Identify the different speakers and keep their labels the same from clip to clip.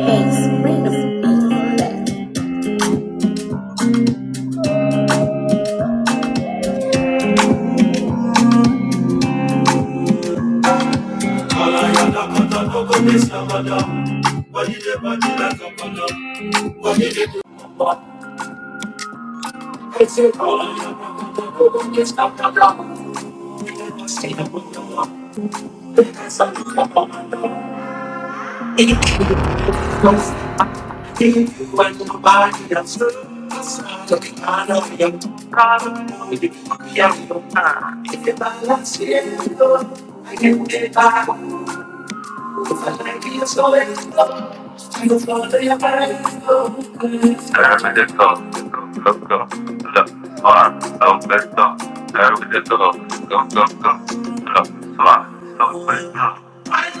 Speaker 1: It's raining on my back. Thank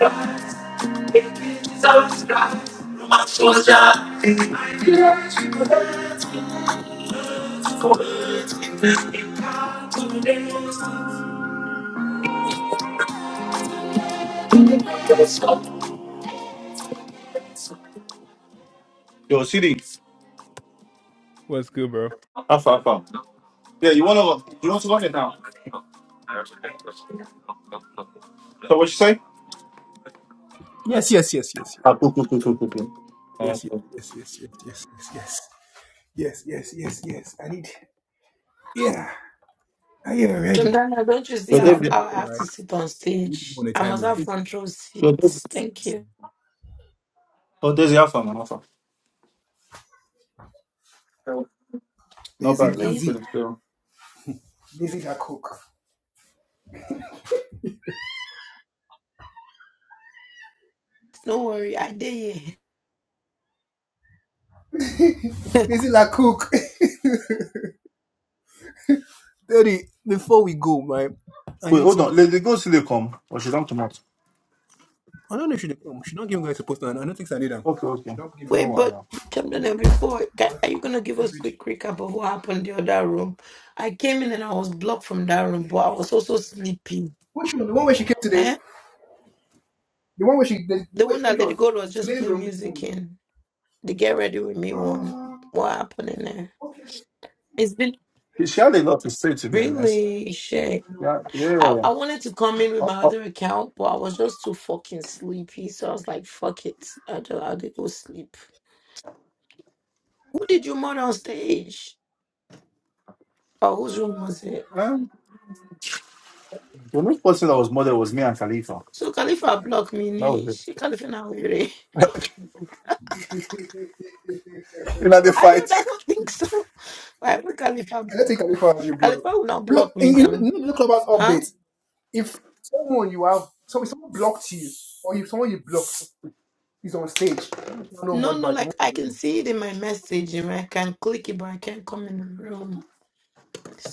Speaker 1: you. It's out of sight, but not out of mind. I can't believe it. I'm so hurt. It can't be this way. Let's go.
Speaker 2: What's good, bro?
Speaker 3: Jordana, don't you see how, how I have to sit on stage? I must have front row seats. Thank you. i No worry, I did. Wait, but Jordana, before, ca- are you going to give us quick recap of what happened in the other room? I came in and I was blocked from that room, but I was also sleepy. Eh? The one that Lady Gold was just playing music in, the Get Ready With Me one. What happened in there? It's been really shit. I, I wanted to come in with my other account, but I was just too fucking sleepy. So I was like, fuck it. I do, I did go sleep. Who did you murder on stage? Or whose room was it? So Khalifa blocked me. Ni. She Khalifa now really. I don't I don't think so. Why would Khalifa block me? Khalifa will not block me now. Huh? No, no, like I can see it in my message and I can click it, but I can't come in the room.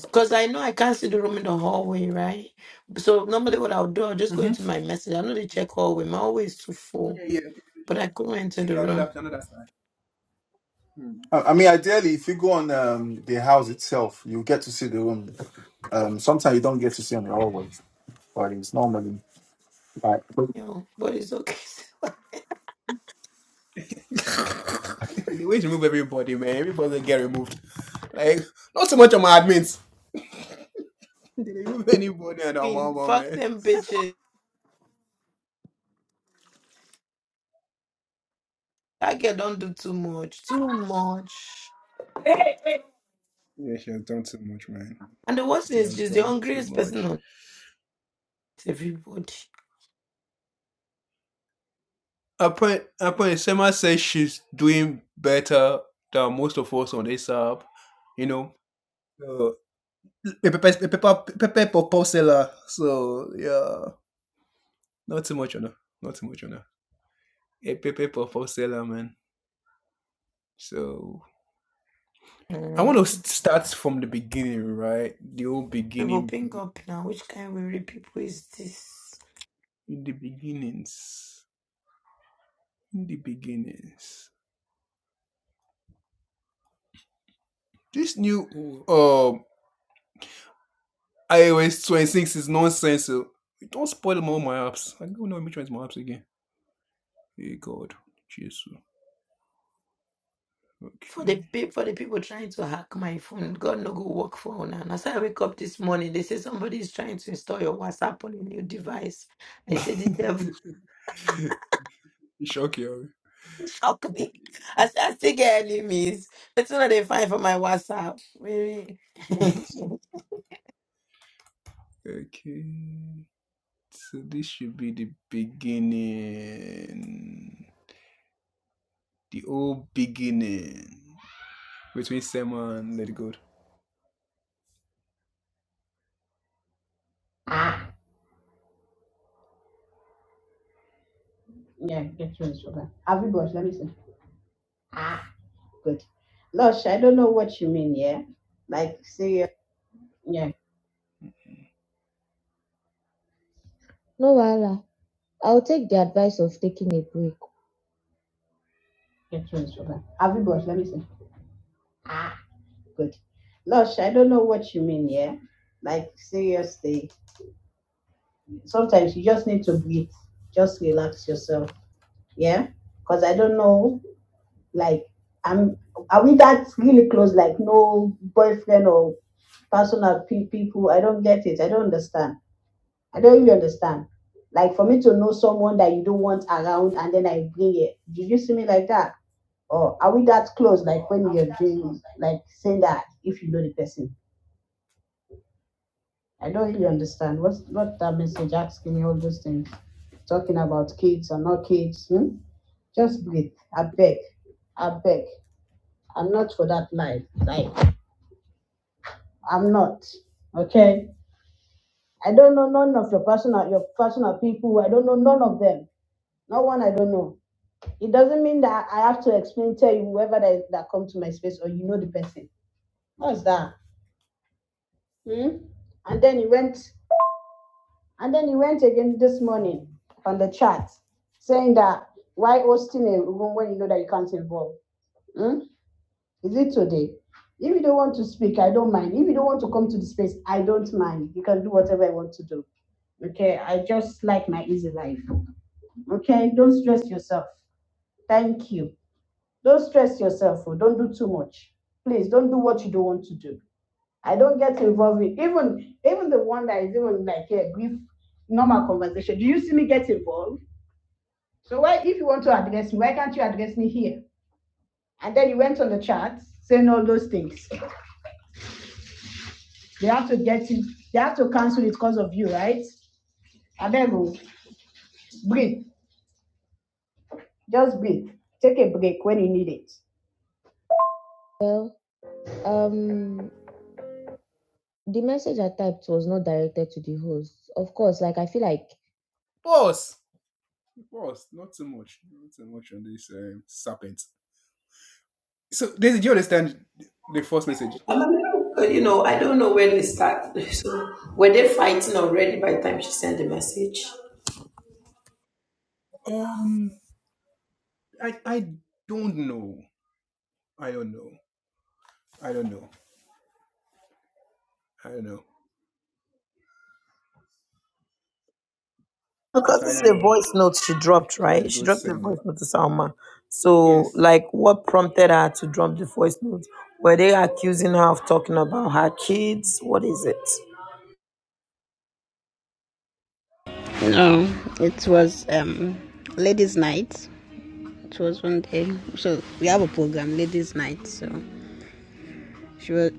Speaker 3: Because I know I can't see the room in the hallway, right? So normally what I'll do, I'll just go into my message. I know they check hallway. My hallway is too full, but I couldn't enter the room. You know, but it's okay. I mean, fuck them bitches. That girl don't do too much. Too much. And the worst thing is she's the hungriest person on everybody. Mm. People pink up now. Which kind of weary people is this? for the pe- for the people trying to hack my phone. God no go work for una. as I wake up this morning, they say somebody is trying to install your WhatsApp on a new device. I said the devil shock me. I said I still get enemies. That's what they find for my WhatsApp. Really?
Speaker 4: Yeah, get rest for that. Have you got? Let me see. Ah, good. Lush, I don't know what you mean, yeah? Like, say, yeah, No wahala. I'll take the advice of taking a break. get rest for that. Have you got? Let me see. Good. Lush, I don't know what you mean, yeah? Like, seriously, sometimes you just need to breathe. Just relax yourself, yeah? Because I don't know, like, I'm, are we that really close? Like, no boyfriend or personal pe- people? I don't get it. I don't understand. I don't really understand. Like for me to know someone that you don't want around and then I bring it. Did you see me like that? Or are we that close? Like when you're doing like saying that if you know the person. I don't really understand. What's what that message asking me all those things? Talking about kids or not kids. Hmm? Just breathe. I beg. I beg. I'm not for that life. Like I'm not. Okay? I don't know none of your personal your personal people. I don't know none of them. Not one I don't know. It doesn't mean that I have to explain, tell you whoever that, that come to my space or you know the person. What's that? Hmm? And then he went, and then he went again this morning on the chat saying that why hosting a room when you know that you can't involve? Hmm? Is it today? If you don't want to speak, I don't mind. If you don't want to come to the space, I don't mind. You can do whatever I want to do. Okay, I just like my easy life. Okay, don't stress yourself. Thank you. Don't stress yourself. oh, Don't do too much. Please don't do what you don't want to do. I don't get involved in even even the one that is even like a brief normal conversation. Do you see me get involved? So why if you want to address me, why can't you address me here? And then you went on the chat saying all those things. They have to get it, they have to cancel it because of you, right? And then go breathe. Just breathe. Take a break when you need it. Um, the message I typed was not directed to the host. Of course, like I feel like
Speaker 3: I'm a little, uh, you know, I don't know where they start. So were they fighting already by the time she sent the message? Because this is a voice note she dropped, right? She dropped the voice note to Salma. So, like, what prompted her to drop the voice note? Were they accusing her of talking about her kids? What is it?
Speaker 5: No, it was um, ladies' night. It was one day. So we have a program, ladies' night. So she was,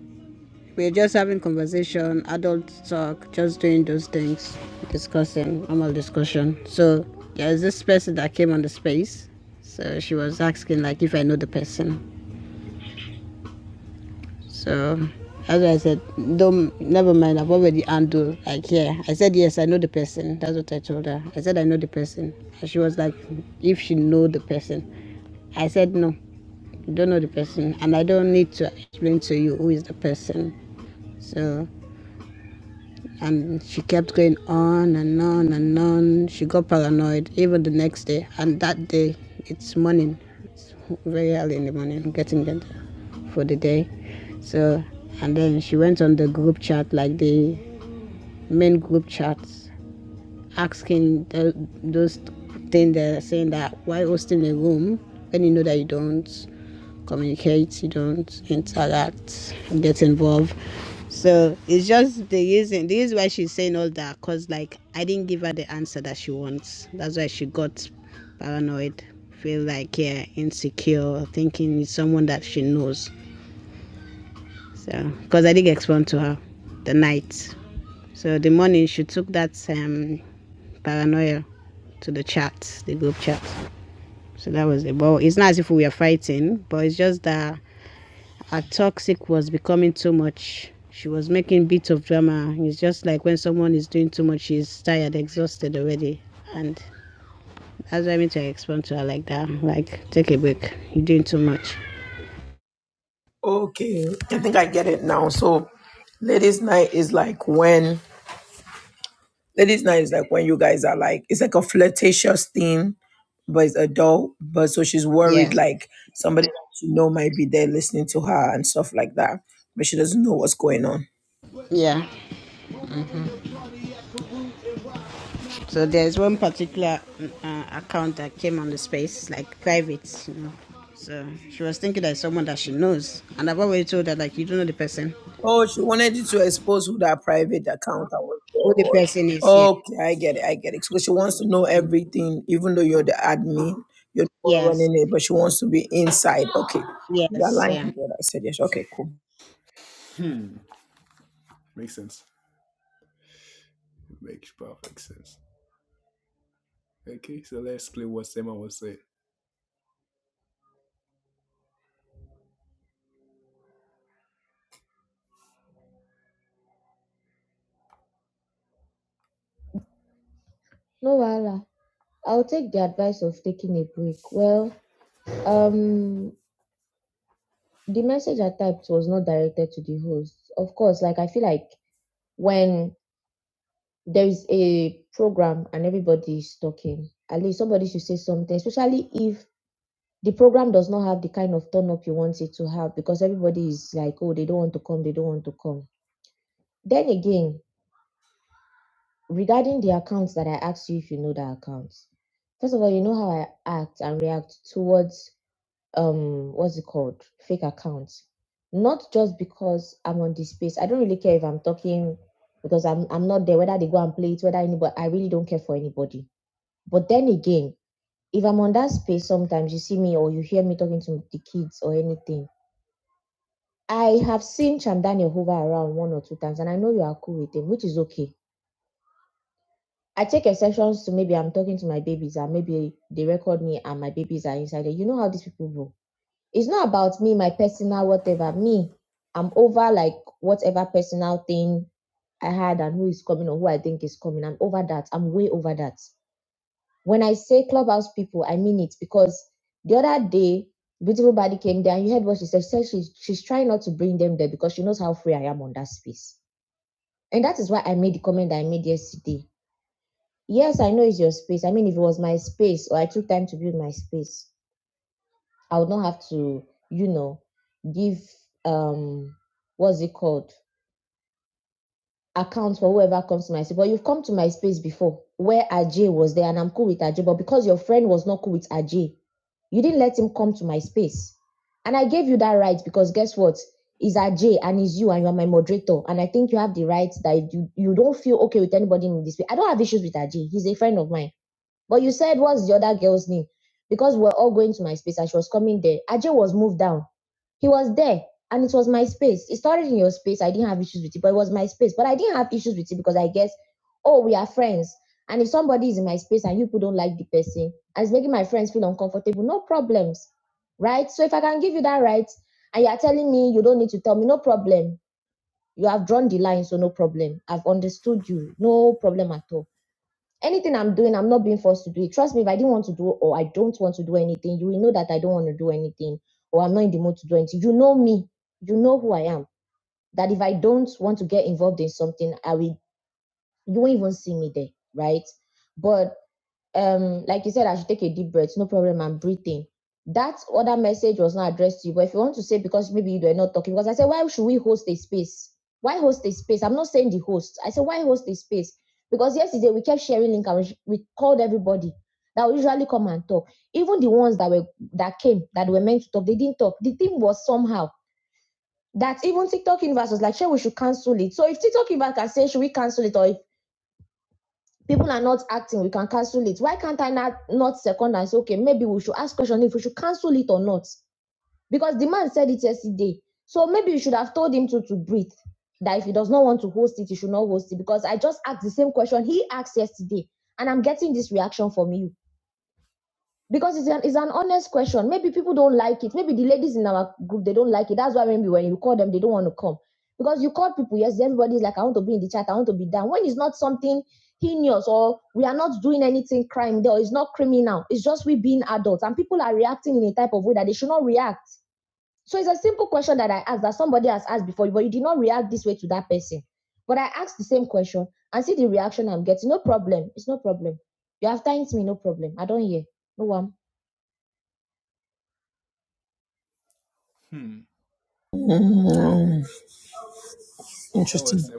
Speaker 5: we were just having conversation, adult talk, just doing those things, discussing, normal discussion. So there's this person that came on the space. So she was asking like if I know the person. So as I said, don't, never mind, I've already undo. like, yeah. I said, yes, I know the person. That's what I told her. I said, I know the person. And she was like, if she know the person. I said, no, you don't know the person. And I don't need to explain to you who is the person. So and she kept going on and on and on. She got paranoid even the next day. And that day, it's morning. It's very early in the morning, getting there for the day. So, and then she went on the group chat, like the main group chats asking the, those things that are saying that why hosting a room when you know that you don't communicate, you don't interact, get involved. So it's just the reason. This is why she's saying all that, cause like I didn't give her the answer that she wants. That's why she got paranoid, feel like yeah, insecure, thinking it's someone that she knows. So, because I did explain to her the night. So the morning she took that um, paranoia to the chat, the group chat. So that was it. But it's not as if we were fighting, but it's just that her toxic was becoming too much. She was making bits of drama. It's just like when someone is doing too much, she's tired, exhausted already. And that's why I mean to explain to her like that. Like, take a break. You're doing too much.
Speaker 3: Okay, I think I get it now. So, ladies' night is like when ladies' night is like when you guys are like it's like a flirtatious thing, but it's adult. But so she's worried
Speaker 5: Yes.
Speaker 3: like somebody that she know might be there listening to her and stuff like that, but she doesn't know what's going on.
Speaker 5: Yeah. So there's one particular uh, account that came on the space, like private, you know. So she was thinking that it's someone that she knows, and I've already told her like you don't know the person,
Speaker 3: Oh, she wanted you to expose who that private account I was there
Speaker 5: who the
Speaker 3: was.
Speaker 5: person is. Yeah.
Speaker 3: Okay, I get it. I get it. So she wants to know
Speaker 5: Mm.
Speaker 3: everything, even though you're the admin, you're the one
Speaker 5: Yes.
Speaker 3: running it, but she wants to be inside. Okay, you are
Speaker 5: Yes.
Speaker 3: lying
Speaker 5: Yeah.
Speaker 3: together. I said yes. Okay, cool.
Speaker 4: No wahala. I'll take the advice of taking a break. Well, um, the message I typed was not directed to the host. Of course, like I feel like when there is a program and everybody is talking, at least somebody should say something, especially if the program does not have the kind of turn up you want it to have because everybody is like, oh, they don't want to come, they don't want to come. Then again, regarding the accounts that I asked you if you know the accounts, first of all, you know how I act and react towards um what's it called fake accounts not just because i'm on this space i don't really care if i'm talking because i'm i'm not there whether they go and play it whether anybody i really don't care for anybody but then again if i'm on that space sometimes you see me or you hear me talking to the kids or anything i have seen Daniel hover around one or two times and i know you are cool with him which is okay i take exceptions to maybe i'm talking to my babies and maybe they record me and my babies are inside there. you know how these people go it's not about me, my personal whatever. Me, I'm over like whatever personal thing I had and who is coming or who I think is coming. I'm over that. I'm way over that. When I say clubhouse people, I mean it because the other day, beautiful body came there and you heard what she said. She said she's, she's trying not to bring them there because she knows how free I am on that space. And that is why I made the comment that I made yesterday. Yes, I know it's your space. I mean, if it was my space or I took time to build my space, I would not have to, you know, give um what's it called? Account for whoever comes to my space. But you've come to my space before where Ajay was there and I'm cool with Ajay, but because your friend was not cool with Ajay, you didn't let him come to my space. And I gave you that right because guess what? It's Ajay and it's you and you are my moderator. And I think you have the right that you, you don't feel okay with anybody in this way. I don't have issues with Ajay. He's a friend of mine. But you said, what's the other girl's name? Because we're all going to my space and she was coming there. Ajay was moved down. He was there and it was my space. It started in your space. I didn't have issues with it, but it was my space. But I didn't have issues with it because I guess, oh, we are friends. And if somebody is in my space and you people don't like the person, and it's making my friends feel uncomfortable, no problems. Right? So if I can give you that right, and you're telling me you don't need to tell me, no problem. You have drawn the line, so no problem. I've understood you. No problem at all Anything I'm doing, I'm not being forced to do it. Trust me, if I didn't want to do or I don't want to do anything, you will know that I don't want to do anything or I'm not in the mood to do anything. You know me. You know who I am. That if I don't want to get involved in something, I will you won't even see me there, right? But um like you said i should take a deep breath no problem i'm breathing that other message was not addressed to you but if you want to say because maybe you were not talking because i said why should we host a space why host a space i'm not saying the host i said why host a space because yesterday we kept sharing link and we called everybody that would usually come and talk even the ones that were that came that were meant to talk they didn't talk the thing was somehow that even tiktok universe was like sure we should cancel it so if tiktok universe can say should we cancel it or people are not acting, we can cancel it. Why can't I not, not second and say, okay, maybe we should ask question if we should cancel it or not? Because the man said it yesterday. So maybe you should have told him to, to breathe. That if he does not want to host it, he should not host it. Because I just asked the same question he asked yesterday, and I'm getting this reaction from you because it's an, it's an honest question. Maybe people don't like it. Maybe the ladies in our group they don't like it. That's why maybe when you call them, they don't want to come because you call people. Yes, everybody's like, I want to be in the chat. I want to be down. When it's not something heinous or we are not doing anything crime, there it's not criminal. It's just we being adults and people are reacting in a type of way that they should not react. So it's a simple question that I asked that somebody has asked before, but you did not react this way to that person. But I asked the same question and see the reaction I'm getting. No problem. It's no problem. You have thanked me. No problem. I don't hear. No one.
Speaker 3: Mm, interesting.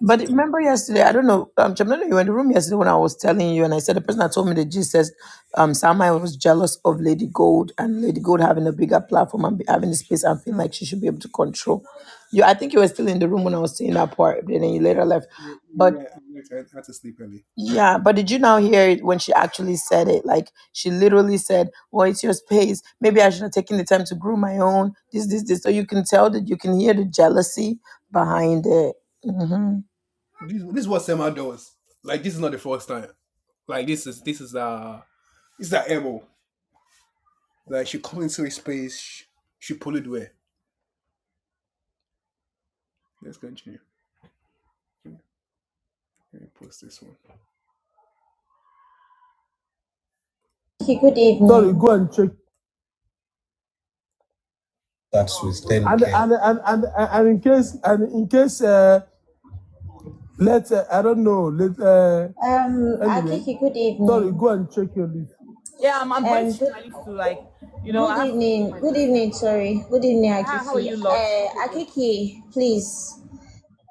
Speaker 3: But remember yesterday, I don't know, um, Jamila, you were in the room yesterday when I was telling you, and I said the person that told me that Jesus, um, Samai was jealous of Lady Gold and Lady Gold having a bigger platform and be- having the space and feeling like she should be able to control. You, I think you were still in the room when I was saying that part, but then you later left. But yeah, but did you now hear it when she actually said it? Like she literally said, "Well, it's your space. Maybe I should have taken the time to grow my own. This, this, this." So you can tell that you can hear the jealousy behind it. Mm-hmm.
Speaker 4: Okay, good evening. Um, okay, good evening. My Um, voice, good, you know, I good have evening. Good evening. Sorry. Good evening, Hi, how are Akiki. you, love? Uh, Akiki, please.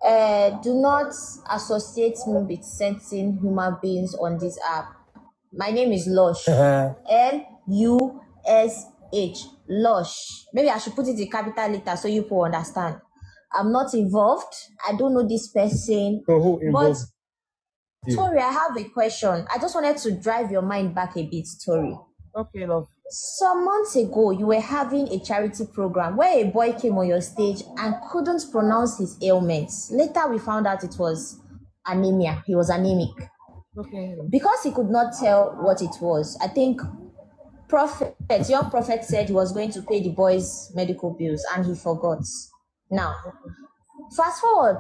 Speaker 4: Uh, do not associate me with certain human beings on this app. My name is Lush. L U S H. Lush. Maybe I should put it in capital letter so you will understand. I'm not involved. I don't know this person. Tori, I have a question. I just wanted to drive your mind back a bit, Tori. Some months ago, you were having a charity program where a boy came on your stage and couldn't pronounce his ailments. Later, we found out it was anemia. He was anemic. Because he could not tell what it was, I think prophet, your prophet said he was going to pay the boy's medical bills and he forgot. Now, Fast forward,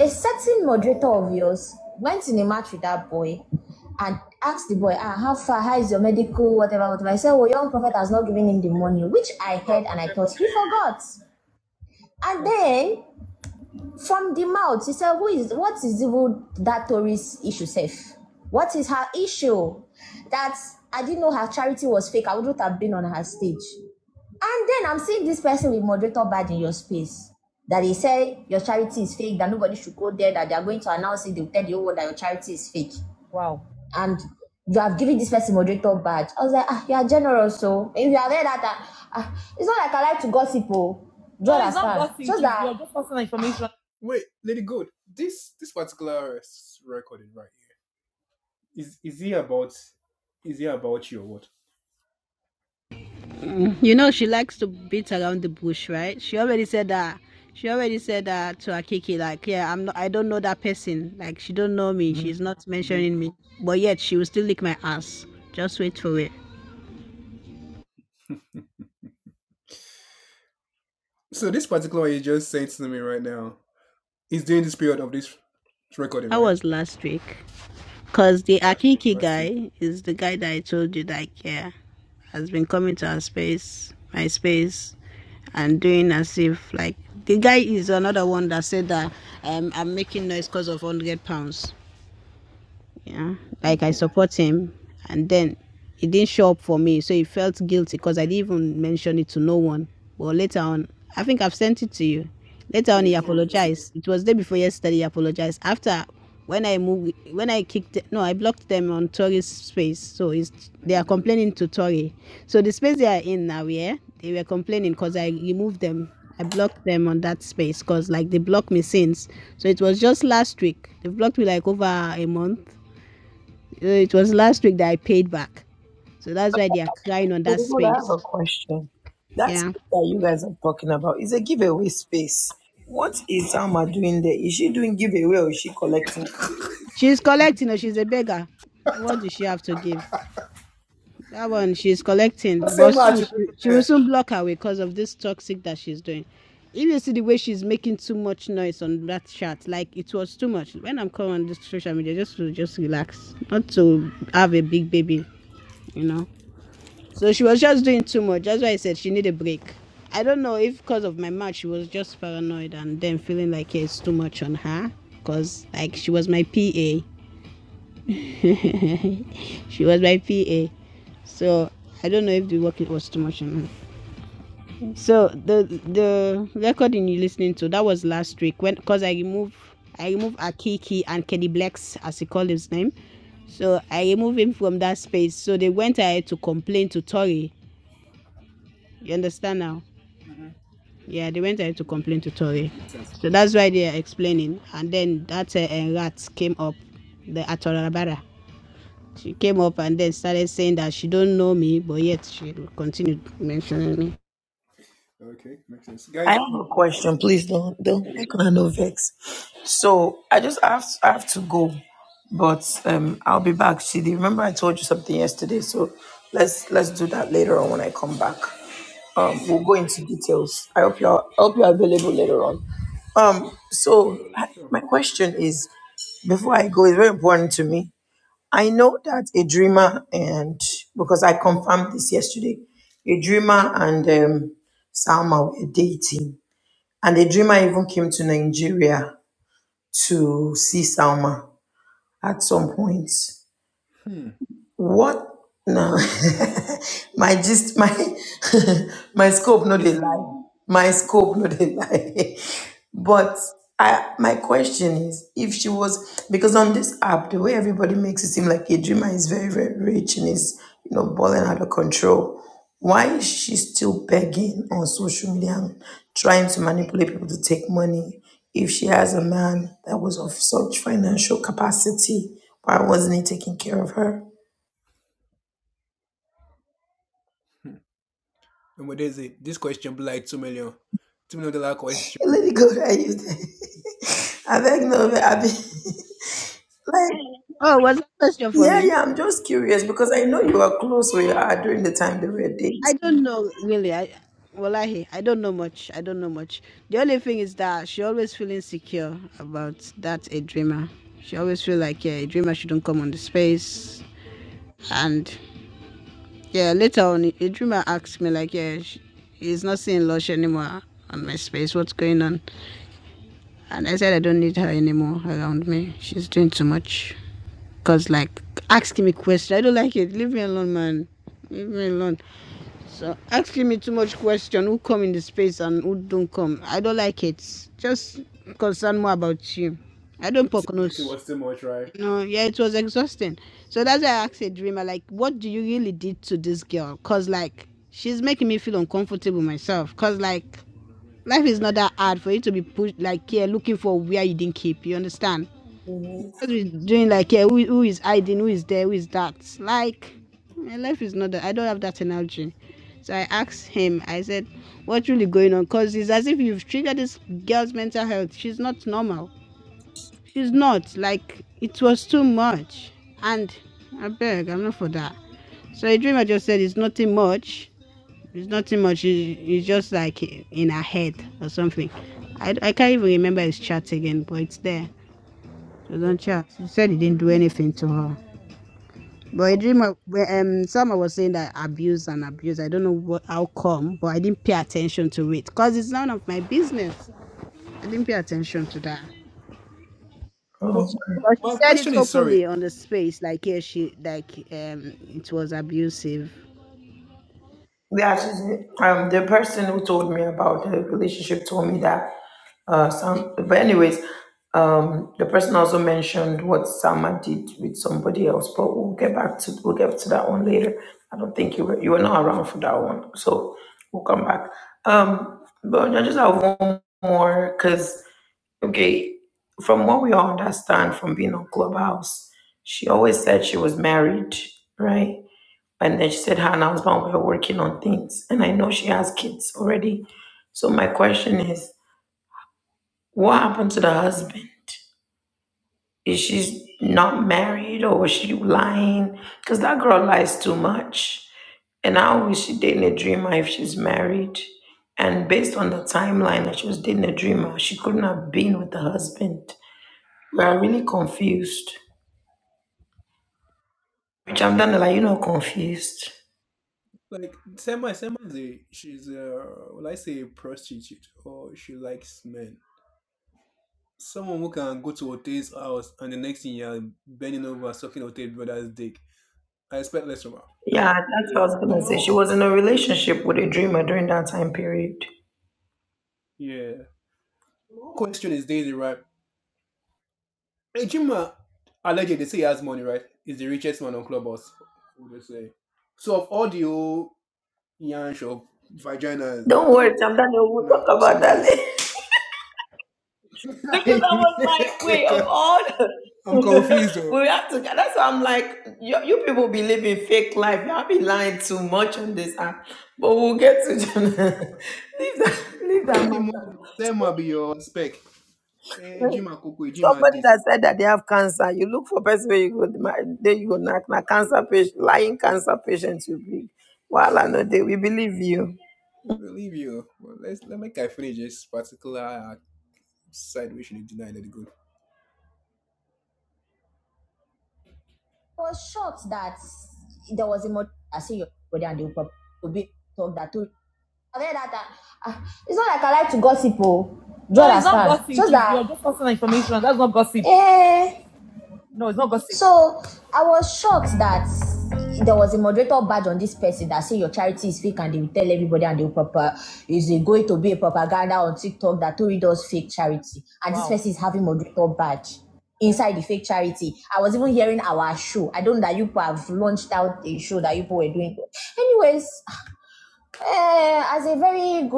Speaker 4: a certain moderator of yours went in a match with that boy and asked the boy, ah, how far, how is your medical, whatever, whatever. I said, well, young prophet has not given him the money, which I heard and I thought he forgot. And then from the mouth, he said, who is, what is even that tourist issue safe? What is her issue? That I didn't know her charity was fake. I wouldn't have been on her stage. And then I'm seeing this person with moderator badge in your space that they say your charity is fake, that nobody should go there, that they are going to announce it, they'll tell the whole world that your charity is fake. And you have given this person moderator badge. I was like, ah, you are generous, so if you have heard that, ah, ah, it's not like I like to gossip, oh. Do you No, it's not understand? gossip. Just that your I It's
Speaker 5: You know she likes to beat around the bush, right? She already said that. She already said that to Akiki, like, yeah, I'm not, I don't know that person. Like, she don't know me. She's not mentioning me, but yet she will still lick my ass. Just wait for it. That was last week. Because the Akiki guy is the guy that I told you that I care, has been coming to our space, my space, and doing as if like the guy is another one that said that um, I'm making noise because of 100 pounds. Yeah, like I support him, and then he didn't show up for me, so he felt guilty because I didn't even mention it to no one. But later on, I think I've sent it to you. Later on, he Yeah. apologized. It was day before yesterday. He apologized after when I moved, when I kicked, no, I blocked them on Tori's space. So it's, they are complaining to Tori. So the space they are in now, yeah, they were complaining because I removed them. I blocked them on that space because like they blocked me since. So it was just last week. They blocked me like over a month so it was last week that I paid back. So that's why they are crying on
Speaker 3: But
Speaker 5: that
Speaker 3: you know, I have
Speaker 5: space.
Speaker 3: a question. That
Speaker 5: Yeah.
Speaker 3: space that you guys are talking about is a giveaway space. What is Alma doing there? Is she doing giveaway or is she collecting?
Speaker 5: She's collecting or she's a beggar. What does she have to give? That one she's collecting. But soon she, she will soon block her way because of this toxic that she's doing. If you see the way she's making too much noise on that chat, like it was too much. When I'm calling on this social media, just to just relax. Not to have a big baby, you know. So she was just doing too much. That's why I said she needed a break. I don't know if because of my match she was just paranoid and then feeling like yeah, it's too much on her. Cause like she was my PA. she was my PA. So I don't know if the work was too much on her. So the the recording you're listening to that was last week when because I removed I removed Akiki and Kenny Blacks as he called his name. So I removed him from that space. So they went ahead to complain to Tori. You understand now? Yeah, they went ahead to complain to Tori. So that's why they are explaining. And then that uh, uh, rat came up, the Atorabara. She came up and then started saying that she don't know me, but yet she continued mentioning me.
Speaker 3: I have a question. Please don't don't make me no vex. So I just I have to, I have to go, but um I'll be back. See, remember I told you something yesterday. So let's let's do that later on when I come back. Um, we'll go into details. I hope you're I hope you're available later on. Um, so I- my question is. Before I go, it's very important to me. I know that a dreamer and because I confirmed this yesterday, a dreamer and um, Salma were dating, and a dreamer even came to Nigeria to see Salma at some point. What? No. my gist, my my scope, no they lie. My scope, no they lie. but I, my question is, if she was, because on this app, the way everybody makes it seem like Idrima is very, very rich and is, you know, balling out of control. Why is she still begging on social media and trying to manipulate people to take money? If she has a man that was of such financial capacity, why wasn't he taking care of her? Let it go that you say. I beg no no, I be like
Speaker 5: Oh, was that a question for
Speaker 3: yeah,
Speaker 5: me?
Speaker 3: yeah, I'm just curious because I know
Speaker 5: Hmm.
Speaker 3: you were close where you are during the time they were dating.
Speaker 5: I don't know really. I Wallahi, I don't know much. I don't know much. The only thing is that she always feel insecure about that a dreamer. She always feel like yeah, a dreamer shouldn't come on the space, and Yeah, later on, a a dreamer asked me, like, yeah, sh he's not seeing Lush anymore on my space. What's going on? And I said, I don't need her anymore around me. She's doing too much. Because, like, asking me questions, I don't like it. Leave me alone, man. Leave me alone. So, asking me too much question, who come in the space and who don't come, I don't like it. Just concern more about you. I don't poke nose you know yeah it was exhausting so that's why i asked a dreamer like what do you really did to this girl because like she's making me feel uncomfortable myself because like life is not that hard for you to be pushed like yeah looking for where you didn't keep you understand
Speaker 3: Mhm.
Speaker 5: just be doing like yeah who, who is hiding who is there who is that like eh, life is not that i don't have that energy so i asked him i said what's really going on because it's as if you've triggered this girl's mental health she's not normal it's not like it was too much. And I beg, I'm not for that. So a dream just said it's nothing much. It's nothing much. It- It's just like in her head or something. I, I can't even remember his chat again, but it's there. So don't chat. He said he didn't do anything to her. But a dream, of- well, um, someone was saying that abuse and abuse. I don't know what how come, but I didn't pay attention to it because it's none of my business. I didn't pay attention to that.
Speaker 3: Oh.
Speaker 5: But she said it openly on the space, like yeah, she like um it was abusive.
Speaker 3: Yeah, just Um, the person who told me about the relationship told me that. Uh, some, but anyways, um, the person also mentioned what Sama did with somebody else. But we'll get back to we'll get to that one later. I don't think you were you were not around for that one, so we'll come back. Um, but I just have one more because okay, from what we all understand from being on Clubhouse, she always said she was married, right? And then she said her and her husband were working on things. And I know she has kids already. So my question is, what happened to the husband? Is she not married or was she lying? Because that girl lies too much. And I always she dating a dreamer if she's married. And based on the timeline that she was dating a dreamer, she couldn't have been with the husband. We are really confused. Which I'm done like, you know, confused. Yeah, that's what I was gonna say. She was in a relationship with a dreamer during that time period. Don't worry, Chamdani, we'll talk about that later. because I was like, wait, of all the- we have to. That's why I'm like, you, you people be living fake life. Y'all be lying too much on this app. But we'll get to leave that, leave that matter. Somebody that said that they have cancer, you look for person where you go, ma- there you go, knock, knock, cancer patient, lying cancer patients you be. Well, I know they, we believe you.
Speaker 4: was shocked that there was a moderator I see your body and they will probably will be talk that too. I've heard that, ah, ah, it's not like I like to gossip, oh. Do you no, it's not understand? gossip. Just It's that your not gossip. Eh. No, it's not gossip. So I was shocked that there was a moderator badge on this person that say your charity is fake and they will tell everybody and they will proper is going to be a propaganda on TikTok that Tori does fake charity and this Wow. person is having moderator badge inside the fake charity. I was even hearing our show. I don't know that you people have launched out a show that you people were doing. Anyways, eh, as a very good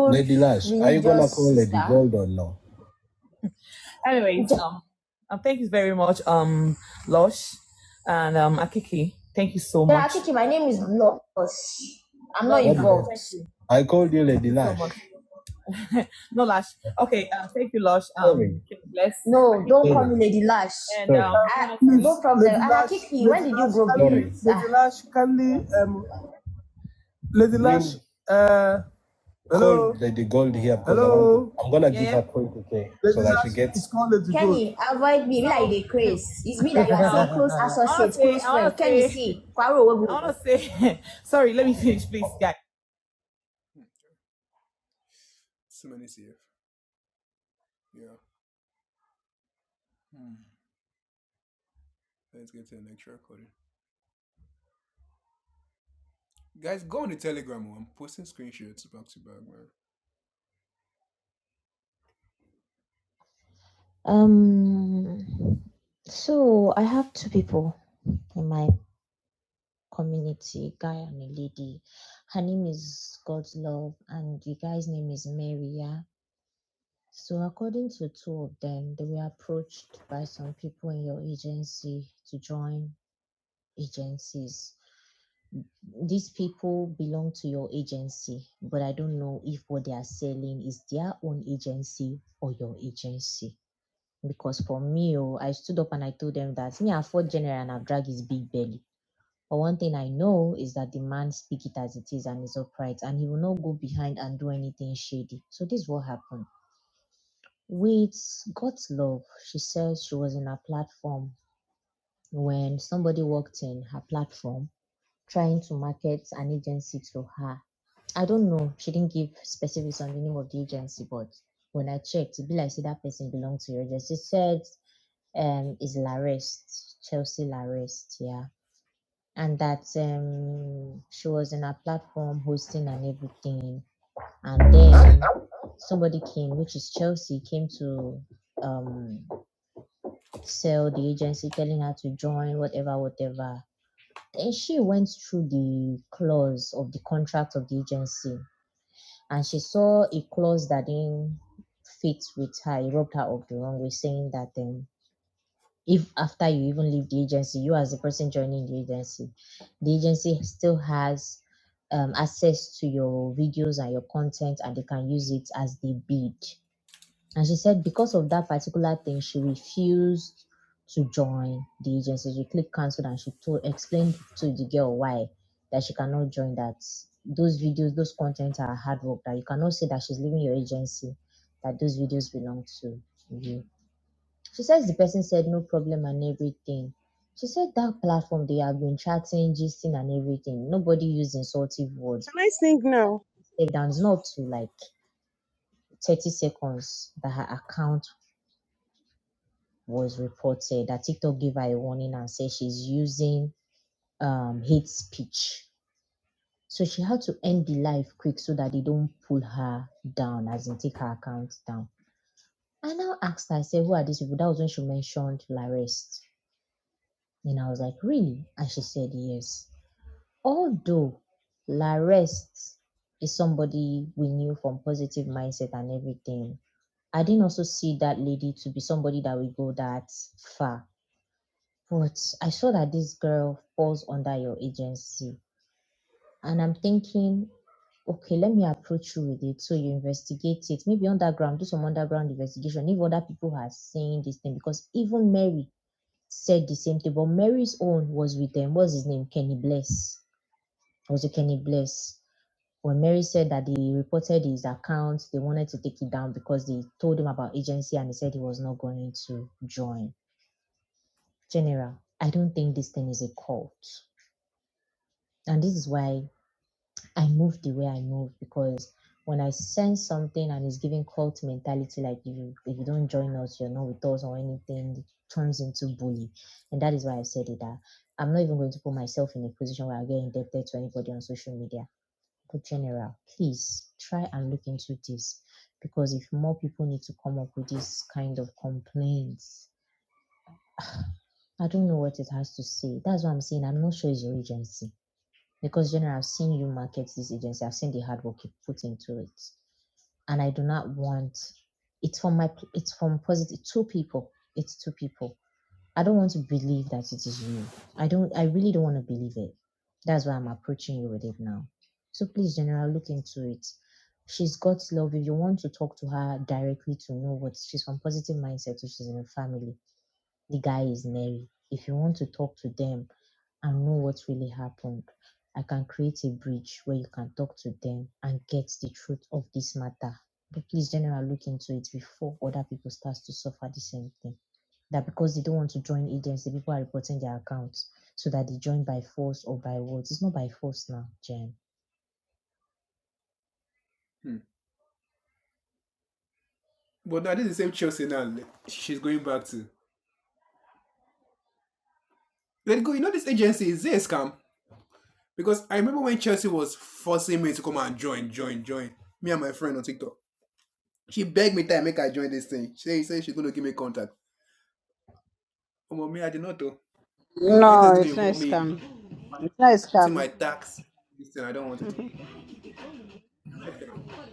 Speaker 4: Anyways, um, um, thank you very much, um, Lush and um, Akiki. Thank you so Yeah, much. Yeah, Akiki, my name is Lush. I'm Lush, Lush. so No, Lush. Okay, uh, thank you, Lush. Um, bless no, don't call me Lady Lush. And um, I yeah, yeah. avoid me, like the craze. It's me that you are so close I associates, close I friends. Can you see? Quarrel I wanna say. sorry, let me finish, please, guys. Um, so I have two people in my community, guy and a lady. Her name is God's Love, and the guy's name is Mary. Yeah. So according to two of them, they were approached by some people in your agency to join agencies. These people belong to your agency, but I don't know if what they are selling is their own agency or your agency. Because for me, oh, I stood up and I told them that me, I fourth general and I've dragged his big belly. But one thing I know is that the man speak it as it is and is upright, and he will not go behind and do anything shady. So this is what happened. With God's love, she says she was in her platform when somebody walked in her platform trying to market an agency to her. I don't know. She didn't give specifics on the name of the agency, but when I checked, it be like say that person belonged to your agency. She said um is Larest, Chelsea Larest, yeah. And that um she was in a platform hosting and everything. And then somebody came, which is Chelsea, came to um sell the agency, telling her to join, whatever, whatever. Then she went through the clause of the contract of the agency and she saw a clause that didn't fit with her. It rubbed her up the wrong way, saying that um, if after you even leave the agency, you as the person joining the agency, the agency still has um, access to your videos and your content and they can use it as they bid. And she said because of that particular thing, she refused to join the agency. She clicked cancelled and she told explained to the girl why that she cannot join that those videos, those content are hard work that you cannot say that she's leaving your agency, that those videos belong to you she says the person said no problem and everything. She said that platform they have been chatting, gisting and everything. Nobody used insultive words.
Speaker 6: Can I sing now?
Speaker 4: It down is not to like 30 seconds that her account was reported, that TikTok gave her a warning and said she's using um, hate speech. So she had to end the live quick so that they don't pull her down, as in take her account down. I now asked her, I said, Who are these people? That was when she mentioned Larest. And I was like, Really? And she said, Yes. although La Rest is somebody we knew from positive mindset and everything, I didn't also see that lady to be somebody that will go that far. But I saw that this girl falls under your agency. And I'm thinking, okay, let me approach you with it. So you investigate it. Maybe underground, do some underground investigation. If other people are saying this thing, because even Mary said the same thing, but Mary's own was with them. What's his name? Kenny Bless. Was it Kenny Bless? When Mary said that they reported his account, they wanted to take it down because they told him about agency and he said he was not going to join. General, I don't think this thing is a cult. And this is why I moved the way I moved because when I sense something and it's giving cult mentality, like if you, if you don't join us, you're not with us or anything, it turns into bully. And that is why I said it that I'm not even going to put myself in a position where I get indebted to anybody on social media the general, please try and look into this because if more people need to come up with this kind of complaints, I don't know what it has to say. That's what I'm saying. I'm not sure it's your agency because general, I've seen you market this agency. I've seen the hard work you put into it, and I do not want. It's from my. It's from positive two people. It's two people I don't want to believe that it is you. I don't I really don't want to believe it. That's why I'm approaching you with it now. So please, General, look into it. She's got love. If you want to talk to her directly to know what she's from positive mindset, so she's in a family. The guy is married. If you want to talk to them and know what really happened, I can create a bridge where you can talk to them and get the truth of this matter. But please, General, look into it before other people start to suffer the same thing that because they don't want to join agency, people are reporting their accounts so that they join by force or by words. It's not by force now, Jen.
Speaker 5: No, it's not a scam. It's not a scam.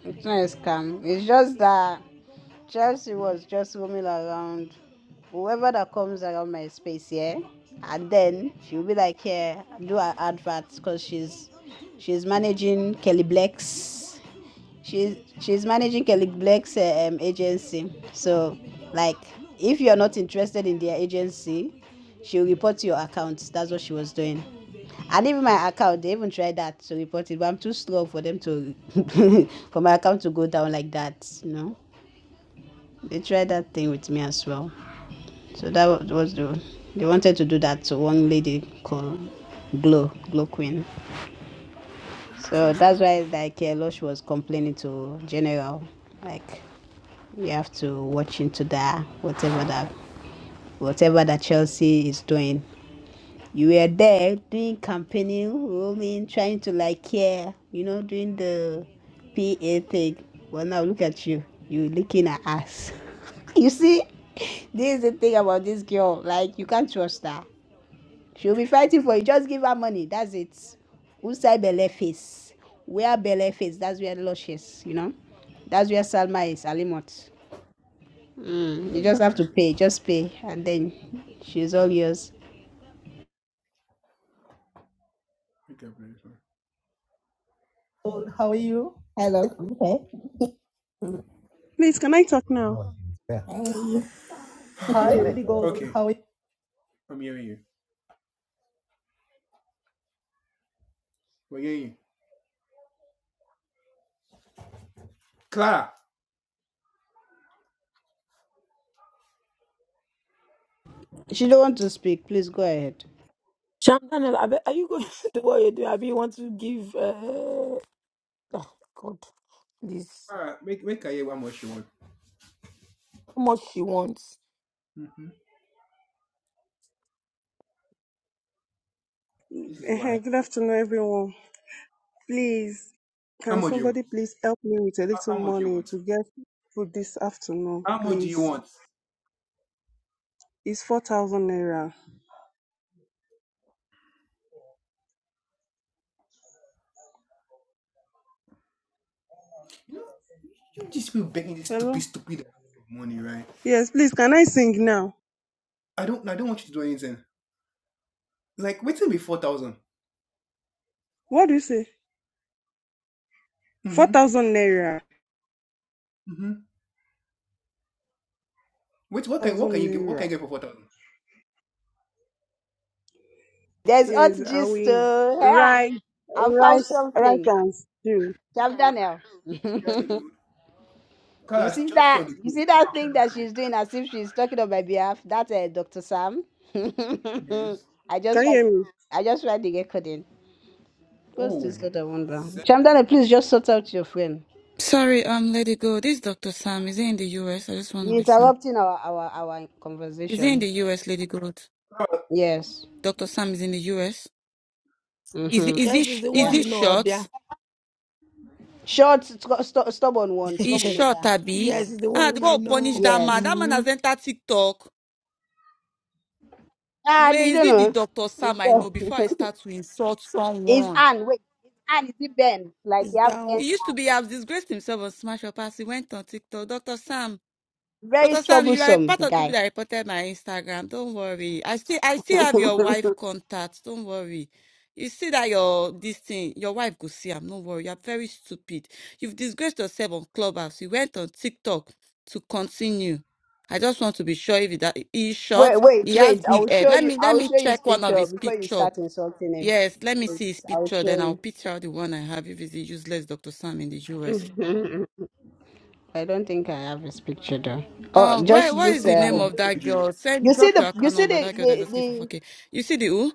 Speaker 5: It's not a scam. It's just that Chelsea was just roaming around. Whoever that comes around my space, yeah, and then she'll be like, yeah, do her adverts because she's she's managing Kelly Blacks. she's she's managing Kelly Blake's um, agency. So, like, if you're not interested in their agency, she'll report to your account. That's what she was doing. And even my account, they even tried that to report it, but I'm too slow for them to for my account to go down like that. You know, they tried that thing with me as well. So that was the they wanted to do that to one lady called Glow Glow Queen. So that's why like Elosh was complaining to General, like you have to watch into that whatever that whatever that Chelsea is doing. You were there doing campaigning, roaming, trying to like care, you know, doing the PA thing. Well now look at you. You licking her ass. you see, this is the thing about this girl. Like you can't trust her. She'll be fighting for you. Just give her money. That's it. Usai belle face. Where belle face? That's where lush is, you know? That's where Salma is, Alimot. Mm, you just have to pay. Just pay. And then she's all yours.
Speaker 4: Okay.
Speaker 6: Please, can I talk now?
Speaker 5: She don't want to speak. Please go ahead.
Speaker 3: Shamdaniel, are you going to do what you do? Abi, you want to give? Uh, this how much she wants.
Speaker 6: Eh, Good afternoon, everyone. Please, can somebody please help me with a little money to get food this afternoon, please? It's 4,000 naira. Hello? Yes, please, can I sing now? What do you say? 4,000 naira. 1,000 naira.
Speaker 5: There's hot
Speaker 6: Yes, I
Speaker 5: gist.
Speaker 6: will.
Speaker 5: oh.
Speaker 6: Rice,
Speaker 5: Yeah, I found
Speaker 6: rice, rice
Speaker 5: something.
Speaker 6: and stew.
Speaker 5: Chef Daniel. You see that? You see that thing that she's doing as if she's talking on my behalf? That's uh, Dr. Sam. I
Speaker 6: Can
Speaker 5: just
Speaker 6: you
Speaker 5: want
Speaker 6: hear me?
Speaker 5: I just want to get caught in. What's this other one, Brown? Chamdana, please just sort out your friend.
Speaker 7: Sorry, um, Lady Gold. This is Dr. Sam. Is he in the US? I just want to
Speaker 5: You're
Speaker 7: be sure.
Speaker 5: interrupting our our our
Speaker 7: Is he in
Speaker 5: conversation.
Speaker 7: the US, Lady Gold?
Speaker 5: Yes.
Speaker 7: Dr. Sam is in the US. Is he,
Speaker 5: Mm-hmm.
Speaker 7: is he,
Speaker 3: Yes, it's
Speaker 7: sh-
Speaker 3: the
Speaker 7: is
Speaker 3: one
Speaker 5: Yeah.
Speaker 7: he
Speaker 3: you know, Abia.
Speaker 7: short?
Speaker 5: Short, st- st- stubborn one,
Speaker 7: He's short,
Speaker 5: troublemaker.
Speaker 7: Abby.
Speaker 3: yes,
Speaker 5: One.
Speaker 3: it's the
Speaker 7: Ah,
Speaker 3: one
Speaker 7: they
Speaker 3: you
Speaker 7: go punish
Speaker 3: know.
Speaker 7: that man.
Speaker 5: Yes.
Speaker 7: That man
Speaker 3: hmm
Speaker 7: has entered TikTok.
Speaker 5: Ah,
Speaker 7: Where
Speaker 5: you
Speaker 7: is
Speaker 5: don't
Speaker 7: it the
Speaker 5: know.
Speaker 7: Dr.
Speaker 5: Is
Speaker 7: Sam I
Speaker 5: there?
Speaker 7: know before I start to insult
Speaker 5: is
Speaker 7: someone?
Speaker 5: Anne? Wait, is Anne? Is it Ben? Like
Speaker 3: It's
Speaker 5: you have Ben
Speaker 3: down.
Speaker 7: He used to be,
Speaker 5: Anne.
Speaker 7: I've disgraced himself on Smash Up as he went on TikTok. Dr. Sam.
Speaker 5: Very
Speaker 7: Dr. Sam, you are a
Speaker 5: troublesome
Speaker 7: part of people
Speaker 5: guy.
Speaker 7: that reported my Instagram. Don't worry. I still I still have your wife contact. Don't worry. You see that your this thing, your wife could see. I'm not worry. You're very stupid. You've disgraced yourself on Clubhouse. You went on TikTok to continue. I just want to be sure if that he's
Speaker 5: Wait,
Speaker 7: short.
Speaker 5: wait,
Speaker 7: He has
Speaker 5: wait. I
Speaker 7: big
Speaker 5: will
Speaker 7: head.
Speaker 5: show
Speaker 7: Let
Speaker 5: you.
Speaker 7: me
Speaker 5: I
Speaker 7: let
Speaker 5: will
Speaker 7: me
Speaker 5: show you his
Speaker 7: check one of
Speaker 5: picture
Speaker 7: his
Speaker 5: before you
Speaker 7: picture.
Speaker 5: start insulting him.
Speaker 7: Yes, let me
Speaker 5: Wait,
Speaker 7: see his
Speaker 5: I will
Speaker 7: picture. Then
Speaker 5: show
Speaker 7: I'll picture out the one I have if it's the useless Dr. Sam in the US.
Speaker 5: you. I don't think I have his picture though. Oh,
Speaker 7: Um, where
Speaker 5: just
Speaker 7: what is
Speaker 5: this.
Speaker 7: the name
Speaker 5: Um,
Speaker 7: of that girl? Send
Speaker 5: you see
Speaker 7: drop
Speaker 5: the
Speaker 7: your
Speaker 5: you
Speaker 7: account
Speaker 5: see
Speaker 7: number.
Speaker 5: the
Speaker 7: That girl that's
Speaker 5: the
Speaker 7: asking for
Speaker 5: the
Speaker 7: 4K. You see the who?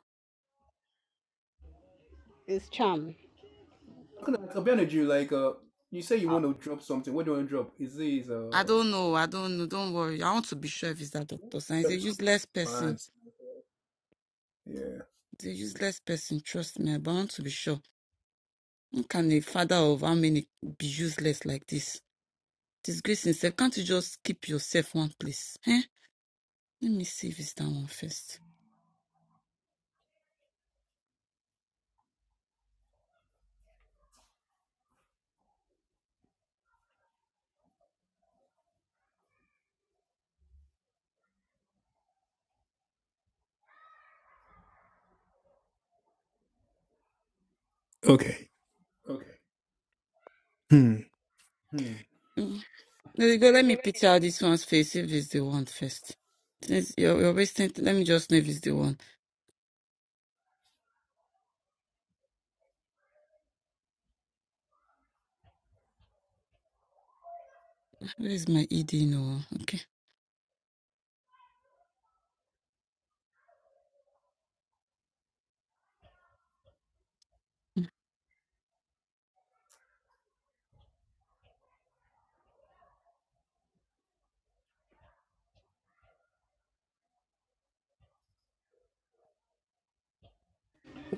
Speaker 5: his charm.
Speaker 7: I don't know. I don't know. Don't worry. I want to be sure if it's that doctor. Science. He's a useless person. He's a useless person. Trust me. But I want to be sure. How can a father of how many be useless like this? Disgrace himself. Can't you just keep yourself one place? Eh? Let me see if it's that one first.
Speaker 2: Okay. Hmm. Is
Speaker 7: Mm. There you go. Let
Speaker 2: it
Speaker 7: me
Speaker 2: good?
Speaker 7: picture out this one's face if it's the one first. Since you're, you're wasting, let me just know if it's the one. Where is my ED? No. Okay.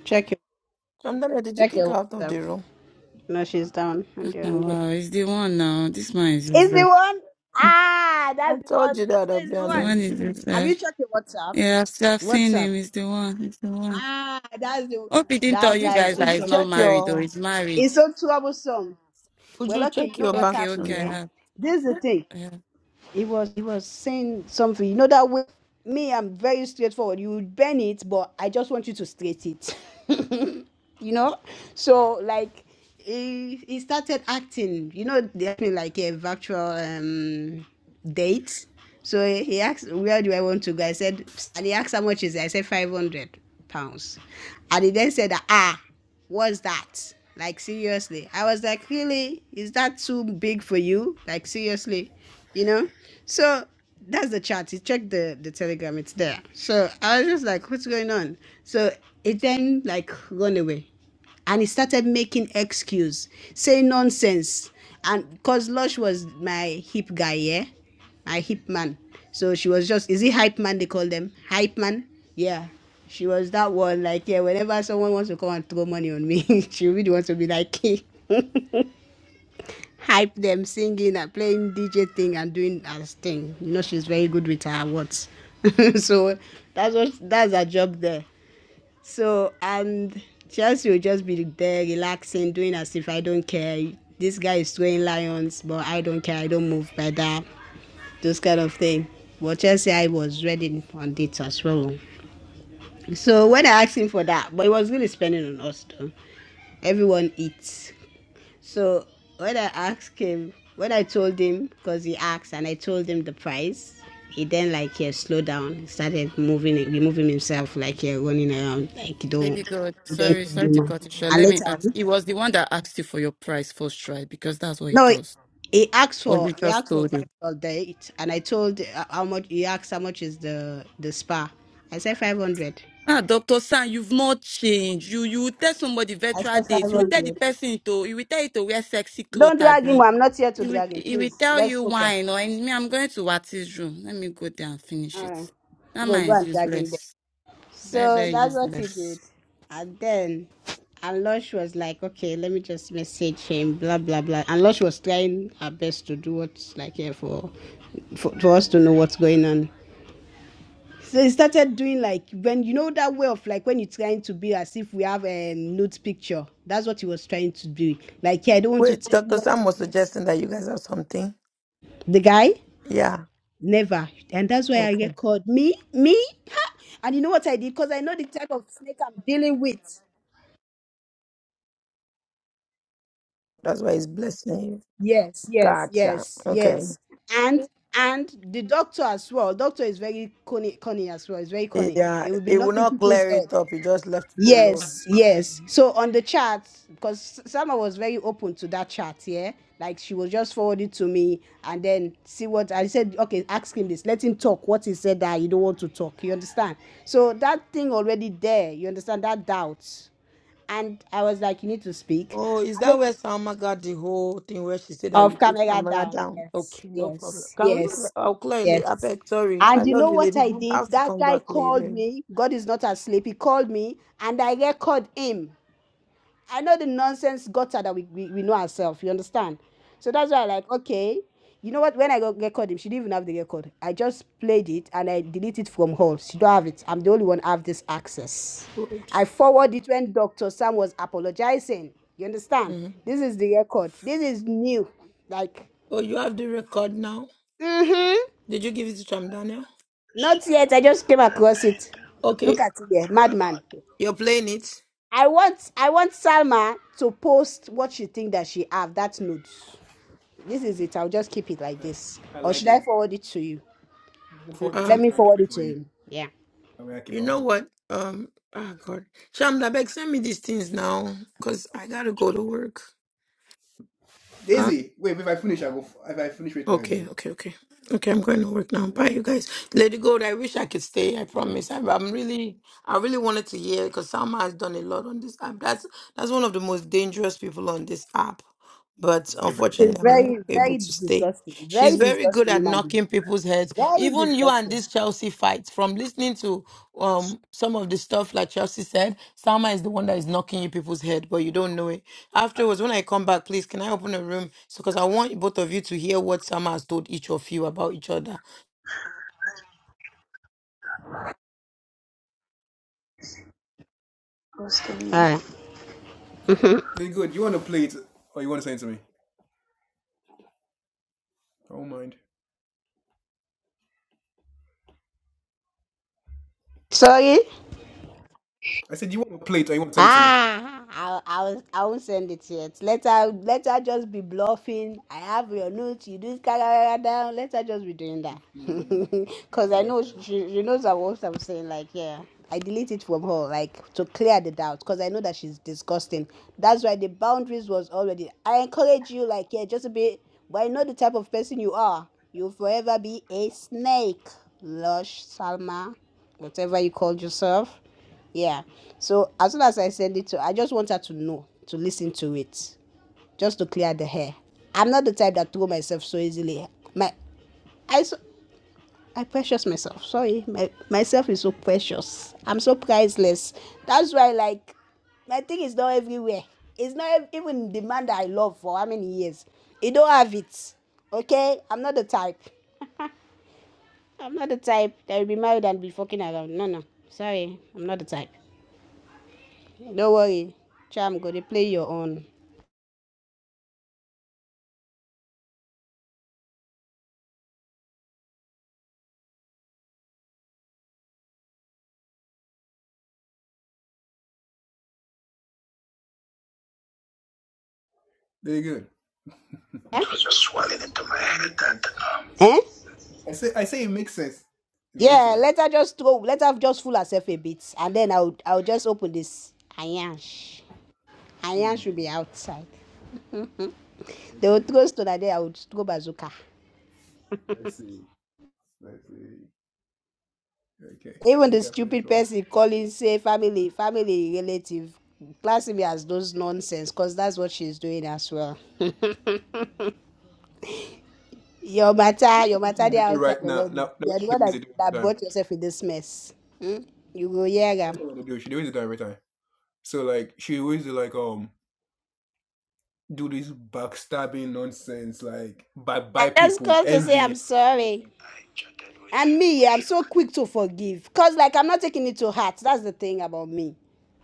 Speaker 5: Check your
Speaker 3: Chandra, did you
Speaker 5: check
Speaker 3: kick her
Speaker 5: your
Speaker 3: out of
Speaker 5: WhatsApp.
Speaker 3: the room?
Speaker 5: No, she's down on the
Speaker 7: Oh,
Speaker 5: on the.
Speaker 7: wow, he's the one now. This man is
Speaker 5: Is the
Speaker 7: useless.
Speaker 5: one? Ah,
Speaker 3: I
Speaker 5: that's the
Speaker 3: told
Speaker 5: one.
Speaker 3: you
Speaker 5: So
Speaker 3: that,
Speaker 5: it's the
Speaker 3: Abia.
Speaker 7: The
Speaker 3: No,
Speaker 5: one.
Speaker 7: one is
Speaker 3: you-
Speaker 5: Have you
Speaker 7: useless.
Speaker 5: checked your WhatsApp?
Speaker 7: Yeah, I've, I've seen
Speaker 5: WhatsApp.
Speaker 7: him. He's the one. He's the one.
Speaker 5: Ah, that's the one.
Speaker 7: Hope he didn't tell
Speaker 3: would
Speaker 5: That
Speaker 3: you,
Speaker 7: you
Speaker 5: guy is
Speaker 7: guys
Speaker 5: so
Speaker 3: would
Speaker 7: that
Speaker 3: you
Speaker 7: he's not
Speaker 3: check
Speaker 5: troublesome.
Speaker 7: married or
Speaker 3: your
Speaker 7: he's married.
Speaker 5: He's so troublesome.
Speaker 3: would
Speaker 5: Well,
Speaker 3: you
Speaker 5: okay, you
Speaker 3: check
Speaker 5: know
Speaker 3: your
Speaker 5: what
Speaker 3: back
Speaker 7: Okay,
Speaker 5: happened,
Speaker 7: okay, I
Speaker 5: yeah?
Speaker 3: channel?
Speaker 7: have.
Speaker 5: This is the
Speaker 3: Yeah.
Speaker 5: thing.
Speaker 7: I have.
Speaker 5: he was he was saying something. You know that way. Me, I'm very straightforward. You would bend it, but I just want you to straight it. you know, so like he he started acting. You know, they had like a virtual um date. So he he asked, "Where do I want to go?" I said, and he asked, "How much is it?" I said, 500 pounds." And he then said, "Ah." Was that? Like seriously. I was like, really? Is that too big for you? Like seriously, you know? So that's the chat. You check the the telegram. It's there. So I was just like, what's going on? So it then like run away and he started making excuse, saying nonsense. And because Lush was my hip guy, yeah, my hip man. So she was just, is it hype man they call them? Hype man? Yeah. She was that one, like, yeah, whenever someone wants to come and throw money on me, she really wants to be like, hype them singing and playing DJ thing and doing her thing. You know, she's very good with her words. so that's what that's her job there. So and Chelsea will just be there relaxing, doing as if I don't care. This guy is throwing lions, but I don't care. I don't move by that. Those kind of thing. But Chelsea, I was ready on it as well. So when I asked him for that, but he was really spending on us though. Everyone eats. So when I asked him, when I told him, because he asked and I told him the price, he then like yeah, slowed down, He started moving removing himself like yeah, running around like he don't
Speaker 7: Baby God,
Speaker 5: he don't
Speaker 7: sorry,
Speaker 5: care
Speaker 7: sorry to
Speaker 5: anymore.
Speaker 7: cut it short.
Speaker 5: And
Speaker 7: Let me
Speaker 5: later
Speaker 7: ask.
Speaker 5: on
Speaker 7: He was the one that asked you for your price first try because that's what he
Speaker 5: no
Speaker 7: does.
Speaker 5: he asked
Speaker 7: Or
Speaker 5: for
Speaker 7: you
Speaker 5: he
Speaker 7: just
Speaker 5: asked for
Speaker 7: told him.
Speaker 5: virtual date and I told uh, how much he asked how much is the the spa. I said five hundred.
Speaker 7: Ah, Dr. San, you've not changed. You you tell somebody
Speaker 5: I
Speaker 7: virtual
Speaker 5: said five
Speaker 7: dates. You tell the
Speaker 5: hundred.
Speaker 7: person to you will tell it to wear sexy
Speaker 5: Don't
Speaker 7: clothes,
Speaker 5: drag
Speaker 7: Abby.
Speaker 5: him, I'm not here to
Speaker 7: He will,
Speaker 5: drag him,
Speaker 7: he will
Speaker 5: please.
Speaker 7: tell
Speaker 5: Let's
Speaker 7: you
Speaker 5: focus.
Speaker 7: why. No, and me, I'm going to Wati's room. Let me go there and
Speaker 5: All
Speaker 7: finish it.
Speaker 5: right.
Speaker 7: That
Speaker 5: Go
Speaker 7: man
Speaker 5: go
Speaker 7: is
Speaker 5: and drag him there.
Speaker 7: useless. Very,
Speaker 5: So
Speaker 7: very
Speaker 5: that's what he
Speaker 7: useless.
Speaker 5: did. And then Alosh was like, okay, let me just message him, blah blah blah. And Lush was trying her best to do what's like here for, for for us to know what's going on. So he started doing like when you know that way of like when you're trying to be as if we have a um, nude picture. That's what he was trying to do. Like, yeah, I don't want to
Speaker 3: Wait,
Speaker 5: tell you
Speaker 3: Dr.
Speaker 5: what
Speaker 3: Sam was suggesting that you guys have something.
Speaker 5: the guy
Speaker 3: Yeah.
Speaker 5: never. And that's why I
Speaker 3: Okay.
Speaker 5: get called me, me. Ha! And you know what I did? Because I know the type of snake I'm dealing with.
Speaker 3: That's why he's blessing you.
Speaker 5: Yes, yes,
Speaker 3: Gotcha.
Speaker 5: yes,
Speaker 3: Okay.
Speaker 5: yes. And and the doctor as well. Doctor is very cunning, cunning as well. It's very cunning.
Speaker 3: Yeah.
Speaker 5: It will be
Speaker 3: It will
Speaker 5: knocking
Speaker 3: not
Speaker 5: people's
Speaker 3: clear
Speaker 5: head.
Speaker 3: it up. You just left it alone.
Speaker 5: Yes, yes. So on the chat, because Sama was very open to that chat, yeah. Like she was just forwarded to me and then see what I said, okay, ask him this. Let him talk what he said that you don't want to talk. You understand? So that thing already there, you understand that doubt. And I was like, you need to speak.
Speaker 3: Oh, is that where Salma got the whole thing where she said that you
Speaker 5: Of
Speaker 3: put
Speaker 5: camera
Speaker 3: Samara
Speaker 5: down.
Speaker 3: down?
Speaker 5: Yes,
Speaker 3: Okay, no problem.
Speaker 5: yes,
Speaker 3: Can we?
Speaker 5: yes,
Speaker 3: I'll clear it later. I
Speaker 5: yes.
Speaker 3: beg, sorry.
Speaker 5: And
Speaker 3: I
Speaker 5: you
Speaker 3: love
Speaker 5: know
Speaker 3: you,
Speaker 5: what
Speaker 3: lady.
Speaker 5: I
Speaker 3: But I
Speaker 5: did?
Speaker 3: have to
Speaker 5: That
Speaker 3: come
Speaker 5: guy
Speaker 3: back
Speaker 5: called
Speaker 3: later.
Speaker 5: me. God is not asleep. He called me and I record him. I know the nonsense gutter that we, we, we know ourselves, you understand? So that's why I like, okay, you know what? When I got get called him, she didn't even have the get code. I just played it and I deleted it from her. She don't have it. I'm the only one have this access.
Speaker 3: Good.
Speaker 5: I forward it when Dr. Sam was apologizing. You understand?
Speaker 3: Mhm.
Speaker 5: This is the record. This is new. Like,
Speaker 3: Oh, you have the record now?
Speaker 5: mm-hmm.
Speaker 3: Did you give it to Cham Daniel?
Speaker 5: Not yet. I just came across it. Look
Speaker 3: Okay,
Speaker 5: at it there. Madman.
Speaker 3: you're playing it.
Speaker 5: I want I want Salma to post what she think that she have. That nudes. This is it. I'll just keep it like this. Or should I forward it to you?
Speaker 3: Um.
Speaker 5: Let me forward it to him. Yeah.
Speaker 3: You know what? Um, oh God, Shamda Beg, send me these things now, cause I gotta go to work. Huh? Okay, okay, okay, okay. I'm going to work now. Bye, you guys. Lady Gold, I wish I could stay. I promise. I, I'm really, I really wanted to hear, cause Salma has done a lot on this app. That's that's one of the most dangerous people on this app. but
Speaker 5: She's
Speaker 3: unfortunately, I'm not
Speaker 5: very,
Speaker 3: able to
Speaker 5: very
Speaker 3: stay.
Speaker 5: disgusting.
Speaker 3: She's
Speaker 5: Very
Speaker 3: very good
Speaker 5: disgusting
Speaker 3: at
Speaker 5: human being.
Speaker 3: knocking people's heads.
Speaker 5: Very
Speaker 3: Even you and
Speaker 5: disgusting.
Speaker 3: this Chelsea fight, from listening to um some of the stuff like Chelsea said, Salma is the one that is knocking you people's head, but you don't know it. Afterwards, when I come back, please can I open a room? So because I want both of you to hear what Salma has told each of you about each other.
Speaker 5: All right. Mm-hmm. Sorry. Ah, I, I was I won't send it yet. Let her let her just be bluffing. I have your notes. You do it down. Let her just be doing that. Cause I know she, she knows what I'm saying. Like yeah, I delete it from her like to clear the doubt. Cause I know that she's disgusting. That's why the boundaries was already. I encourage you like yeah, just a bit. But I know the type of person you are. You'll forever be a snake, lush Salma, whatever you called yourself. Yeah. So as soon as I send it to her, I just want her to know, to listen to it, just to clear the hair. I'm not the type that throw myself so easily. My I so I precious myself. Sorry, my myself is so precious. I'm so priceless. That's why like my thing is not everywhere. It's not ev- even the man that I love for how many years. He don't have it. Okay, I'm not the type. I'm not the type that will be married and be fucking around. No, no. Sorry, I'm not the type. Don't worry. Cham go, to play your own. Eh? It was just swelling into my head that um, Eh? Yeah, let her just go. Let her just fool herself a bit, and then I'll I'll just open this Ayansh. Ayansh will be outside. They will throw stone, and then I would go bazooka. Even the stupid person calling say family, family relative, classing me as those nonsense, cause that's what she's doing as well. Your matter, your matter, they outside already. You are the one that, that brought yourself in this mess. Hmm? You go hear am. I just called to say I'm sorry. And me, I'm so quick to forgive. Because, like, I'm not taking it to heart. That's the thing about me.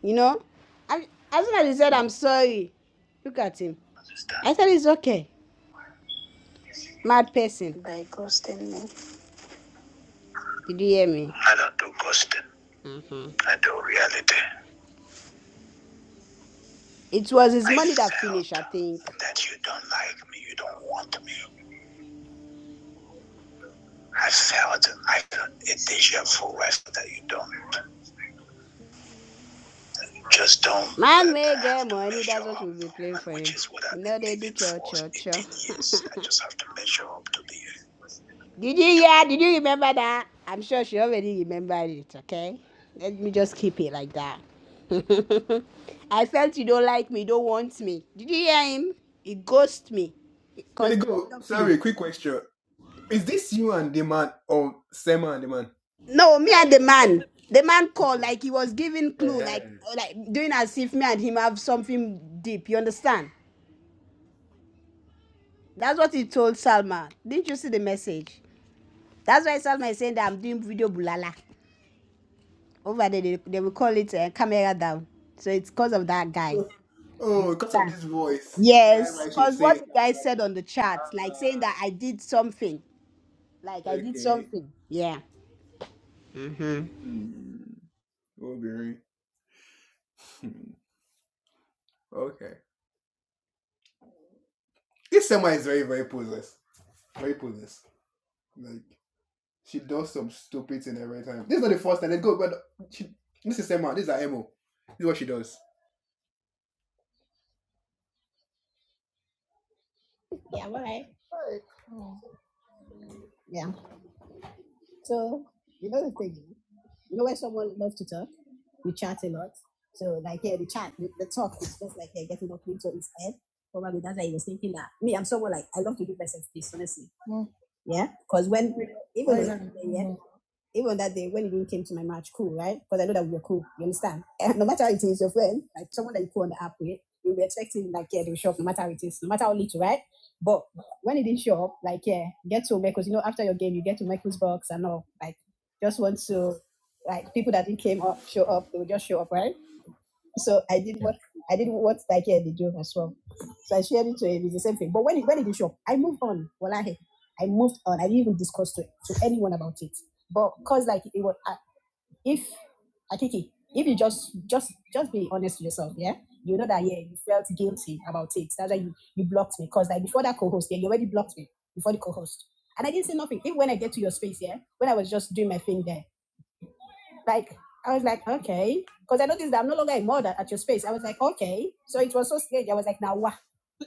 Speaker 5: You know? And as soon as he said, I'm sorry, look at him. I said, it's okay. Mad person. By ghosting me. Did you hear me? I don't do ghosting. I do reality. It was his I money that finished, I think. that you don't like me, you don't want me. I felt I felt a deja vu that you don't. Just don't. Man let made their money, that's what we'll be playing for him. No, they do aiming cho for I just have to measure up to the Did you yeah, did you remember that? I'm sure she already remembered it, okay? Let me just keep it like that. I felt you don't like me, don't want me. Did you hear him? He ghosted me. Because the don't feel. No, me and the man. The man called like he was giving clue, like like doing as if me and him have something deep. You understand? That's what he told Salma. Didn't you see the message? That's why Salma is saying that I'm doing video bulala. Over there, they, they will call it uh, camera down. So it's because of that guy. You understand? Yes, because what the guy said on the chat, like saying that I did something. Like I did something. Yeah.
Speaker 4: Yeah, all right. Alright. Hmm. Yeah. So you know the thing, you know when someone loves to talk, you chat a lot. So like here, yeah, the chat, the, the talk is just like here getting up into his head. Probably that's why he was thinking that me, I'm someone like I love to give myself peace, honestly. Yeah, because when even when- yeah, yeah, even that day when you not came to my match, cool, right? Because I know that we were cool. You understand? And no matter how it is, your friend, like someone that you call on the app with, you'll be expecting like yeah, they'll show up no matter how it is, no matter how little, right? But when it didn't show up, like yeah, get to Michael's, you know, after your game, you get to Michael's box and all. Like just want to like people that didn't came up show up, they will just show up, right? So I did Yeah. what I did what Taki and did do as well. So I shared it to him. It's the same thing. But when it when it is shop, I moved on. Wallahi, I moved on. I didn't even discuss to, to anyone about it. But cause like it was uh, if Akiki, if you just just just be honest with yourself, yeah. You know that yeah, you felt guilty about it. That's why you, you blocked me. Cause like before that co-host, yeah, you already blocked me before the co-host. And I didn't say nothing. Even when I get to your space, yeah, when I was just doing my thing there, like I was like, okay, because I noticed that I'm no longer a mod at, your space. I was like, okay. So it was so strange. I was like, now what?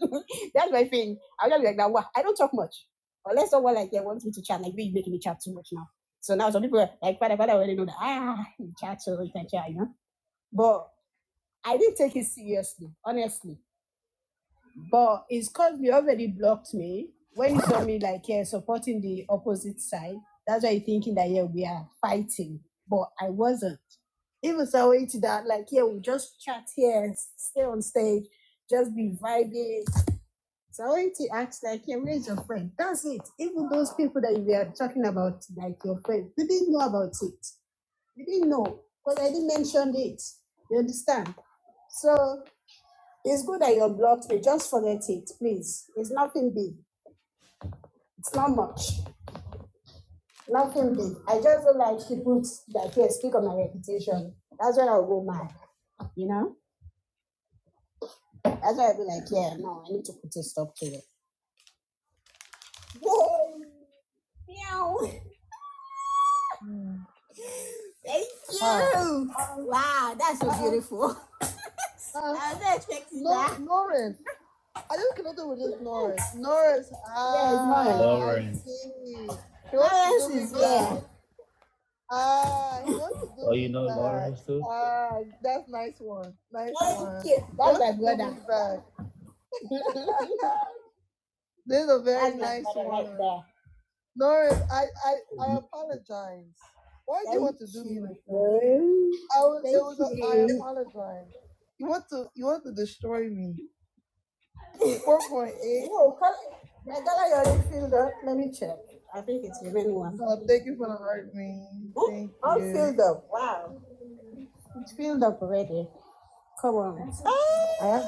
Speaker 4: That's my thing. I was just like, now what? I don't talk much. Unless someone like yeah, wants me to chat, like you're making me chat too much now. So now some people are like, father, father already know that ah, you chat so you can chat, you know. But I didn't take it seriously, honestly. But it's because he already blocked me when he saw me like yeah, supporting the opposite side. That's why he thinking that yeah, we are fighting. But I wasn't. Even so way to that, like, yeah, we just chat here, stay on stage, just be vibing. So I went to ask, like, yeah, where's your friend? That's it. Even those people that we are talking about, like your friend, they didn't know about it. They didn't know because I didn't mention it. You understand? So it's good that you blocked me. Just forget it, please. It's nothing big. It's not much. Nothing big. I just don't like people that here speak on my reputation. That's when I'll go mad. You know? That's why I'll be like, yeah, no, I need to put a stop to it. Oh, oh, that's so beautiful. Uh, I was expecting No, that. Lawrence. I just cannot do with this Lawrence. Lawrence. Ah, I Lauren. see. She Lawrence is bad. here. Ah, he wants to do Oh, you know bad. Lawrence too? Ah, that's nice one. Nice one. That's my brother. This is a very nice right one. there. Oh, my dollar you already filled up. Let me check. I think it's the real one. Wow. It's filled up already. Come on. I have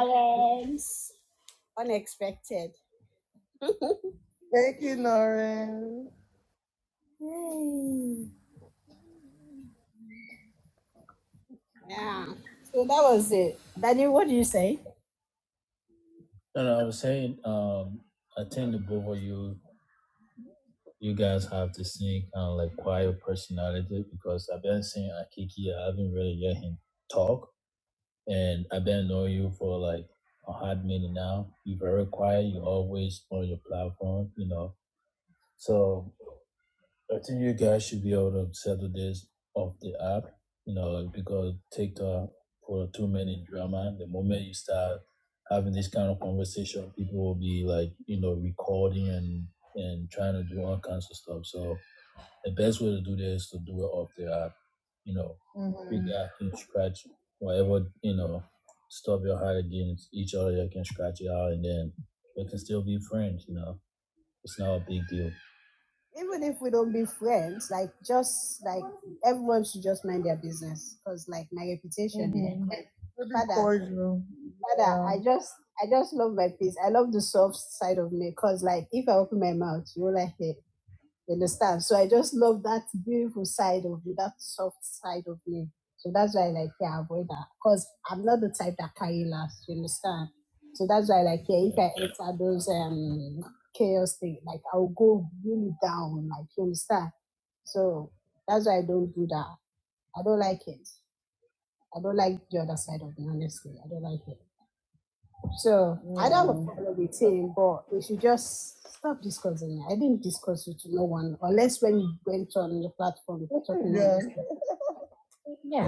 Speaker 4: Parents. Unexpected. Yeah. So that was it. Danny, what do you say? even if we don't be friends, like just like everyone should just mind their business because like my reputation is Mm-hmm. like father, father. I just I just love my peace. I love the soft side of me because like if I open my mouth, you're like, hey, you understand? So I just love that beautiful side of me, that soft side of me. So that's why I like yeah, avoid that. Because I'm not the type that carry last, you understand? So that's why like yeah, if I enter those um chaos thing, like I'll go really down, like you understand? So that's why I don't do that. I don't like it. I don't like the other side of me, honestly. I don't like it. So mm. I don't have a problem with him, but we should just stop discussing. it. I didn't discuss it to no one, unless when you went on the platform, you're talking all Yeah. Yeah.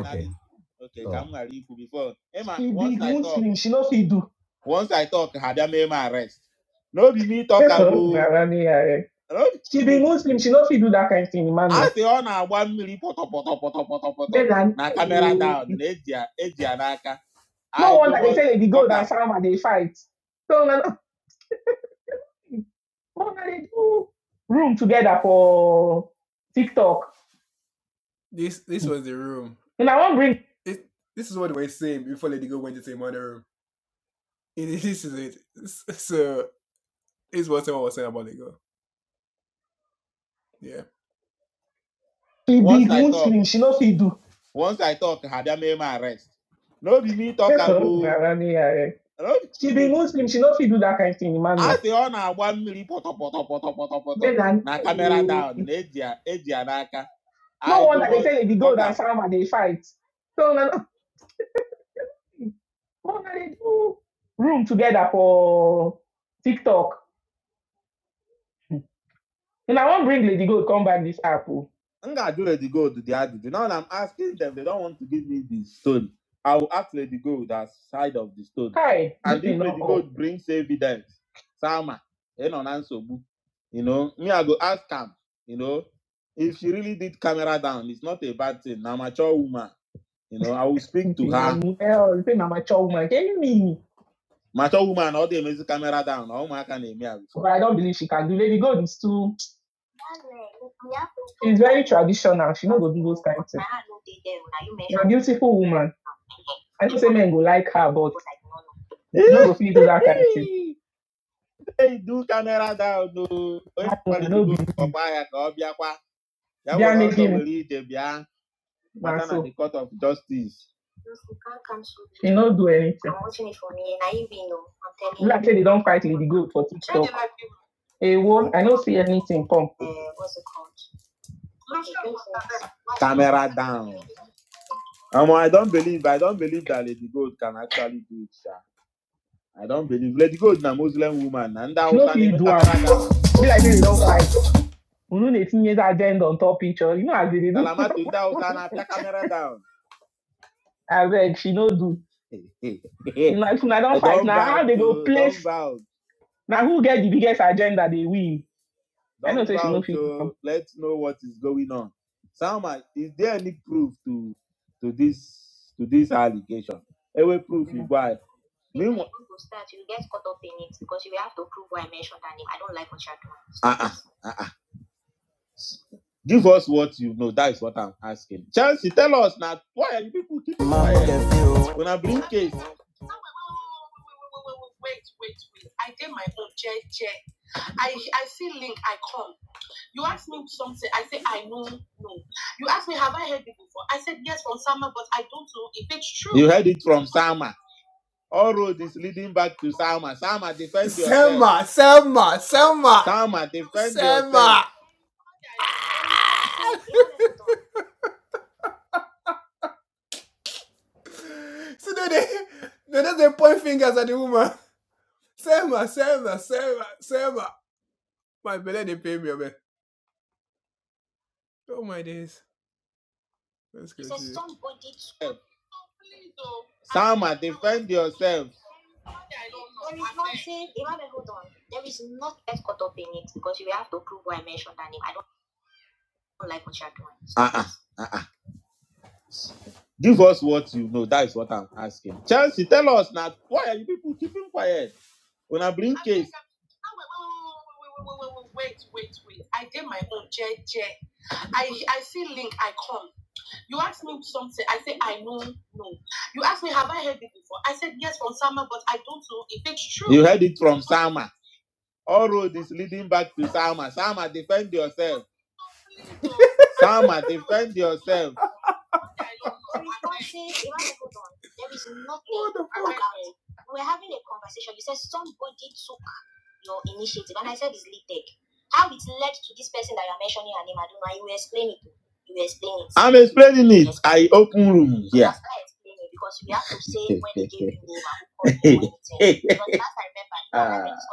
Speaker 4: eh. She be Muslim, she not fit do that kind of thing, man. I si on Then I- Edia, No wonder they say they go and they fight. So na no they do room together for TikTok. And I won't bring Lady Gold come back this apple. Hey, this all. Well, I'm a child woman. Can you mean? me? But I don't believe she can do. Lady God is too. She, she not go do those kind of things. But Sophie, you know, like say Lady God talk. Hey, wo, I won't. I don't see anything come. is a She no do Be like this. don't fight. unu na-etinyezi agenda on top each you know as they not do I beg. she no do na if una to start, you get caught up in it because you have to prove why I mentioned her name. I don't like what you're doing. No, Wait, wait, wait. I did my own JJ. I I see link, I come. You ask me something, I say I know no. You ask me, have I heard it before? I said yes from someone, but I don't know if it's true. I don't like what you're doing. Wait, wait, wait. I did my own JJ. I I see link I come. You ask me something. I say I know no. You ask me have I heard it before? I said but I don't know if it's true. I don't know. You can't say- you can't hold on. There is nothing. about it." We were having a conversation. You said somebody took your initiative, and I said it's leaked. How it led to this person that you're mentioning her name, I don't know. You will explain it. You will explain it. I explain it because we have to say name and who called the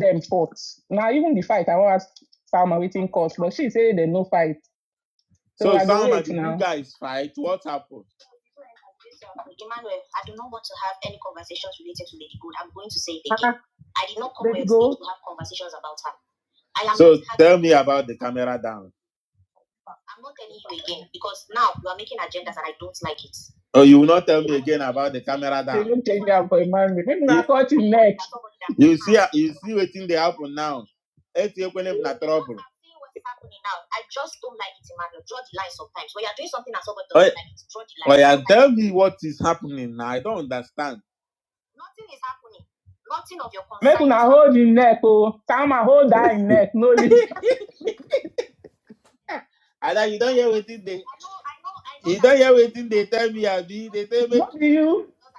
Speaker 4: them force now but she said they no fight i now I do not want to have any conversations related to Lady Gaga again. I did not come here girl. to have conversations about her. I am I'm not telling you again because now you are making agendas and I don't like it. for emmanuel like I'm like... seeing what is happening now. I just don't like it, Emmanuel. Draw the line sometimes. When you're doing something and somebody doesn't like it, draw the line. Nothing is happening. Nothing of your concern. I know, I know, I that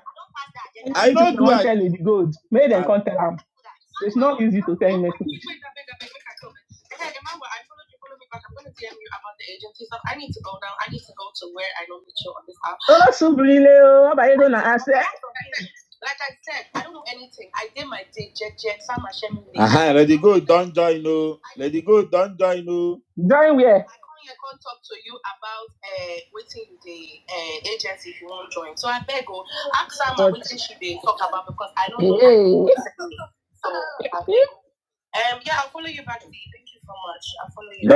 Speaker 4: I don't pass the agenda to that. Wait, that big, that big, make I come in. Okay, remember, I followed you, follow me back. I'm going to DM you about the agency stuff. I need to go now. I need to go to where I know the show on this app. Like I said, I don't know anything. I did my day, Jack Jack, Sam Hashemi. I, I come here, come talk to you about uh, waiting the uh, agency if you want to join. So I can follow you.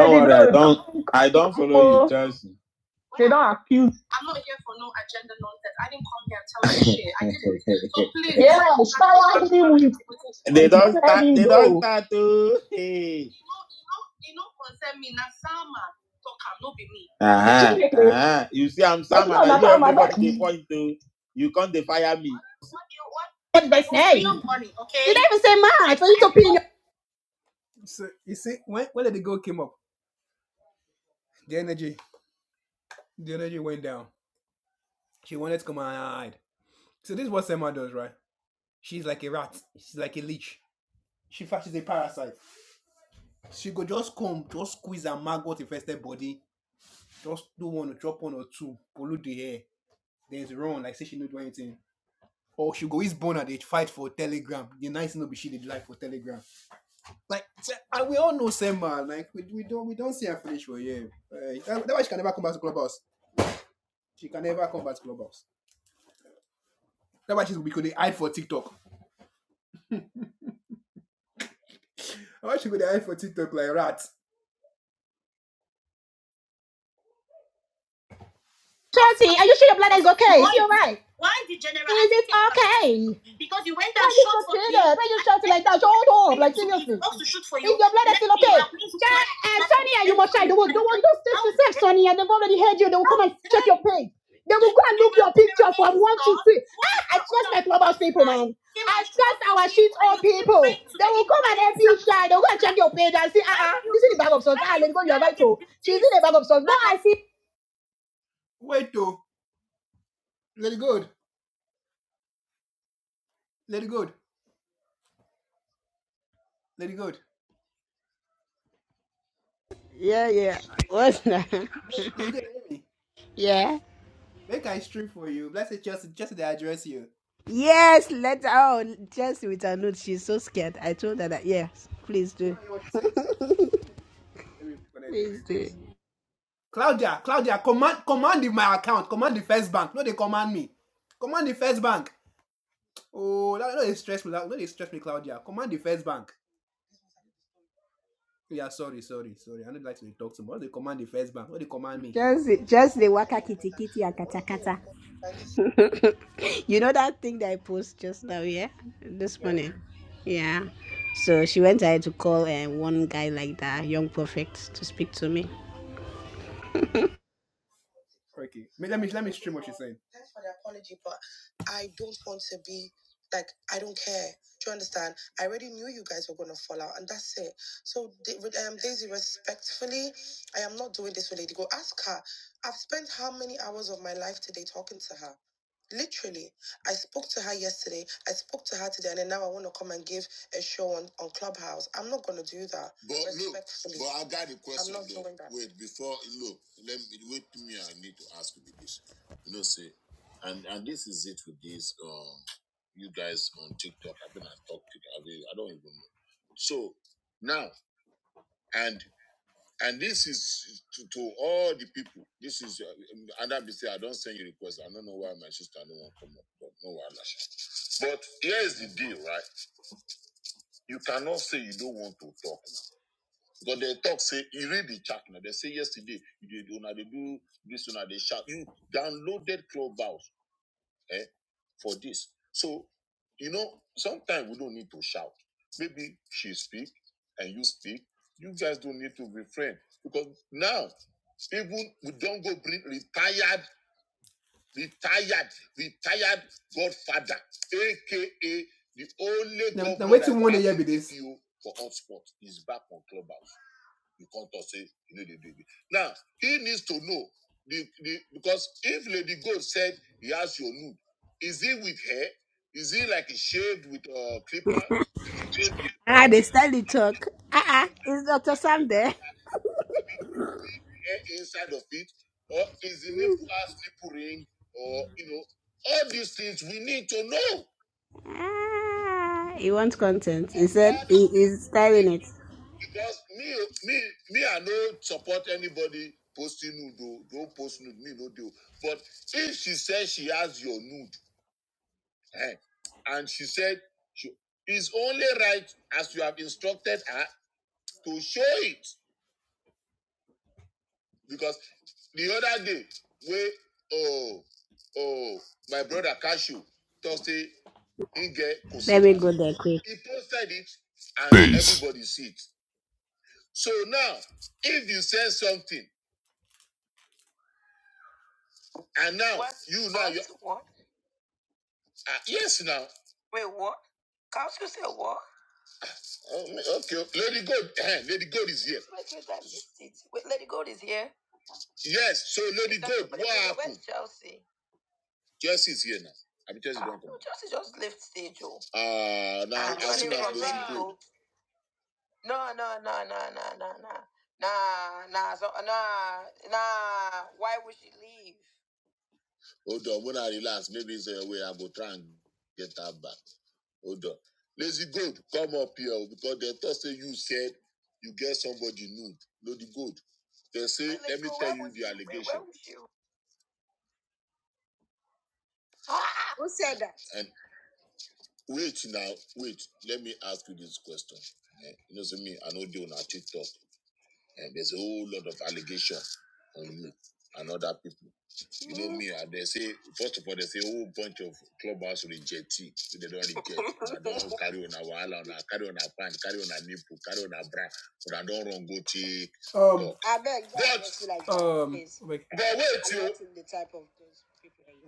Speaker 4: Chelsea, are you sure your bladder is okay? Is Why? is it alright? Why the general Is it okay? Because you went Why and you shot for shouting? me. Why you shouting like that? Shut up! Like seriously, to shoot for you. is your bladder still okay? at least uh, Sonia, you must try. They will, they will do things how to self, Sonia. They've already heard you. They will come and check your page. They will go and look your picture from crazy, one to son. Ah, I trust my have clubhouse people, man. I trust our me shit all people. They will come and help you, yourself. They will go and check your page and see, ah, Why ah, this is the bag of sauce. Ah, let me go, you're right, you oh. did She's in the bag of sauce. No, I
Speaker 5: Yeah, yeah. What's that? Yeah. Yes, let her out. Chelsea with her note. She's so scared. I told her that, yes, please do. Please do. Just, just the waka kitty kitty and kata kata. you know that thing that I post just now, yeah? This morning. Yeah. So she went ahead to call uh, one guy like that, young prophet, to speak to me.
Speaker 4: see.
Speaker 5: Ah, they start to talk. Ah, ah, is Dr. Sam there? Ah, he wants content. He said he is styling it. Let me go there quick.
Speaker 4: Nah, nah, so nah, nah. Why would she leave? She, ah! Who said that? I beg. you, Like the type of those people. that you-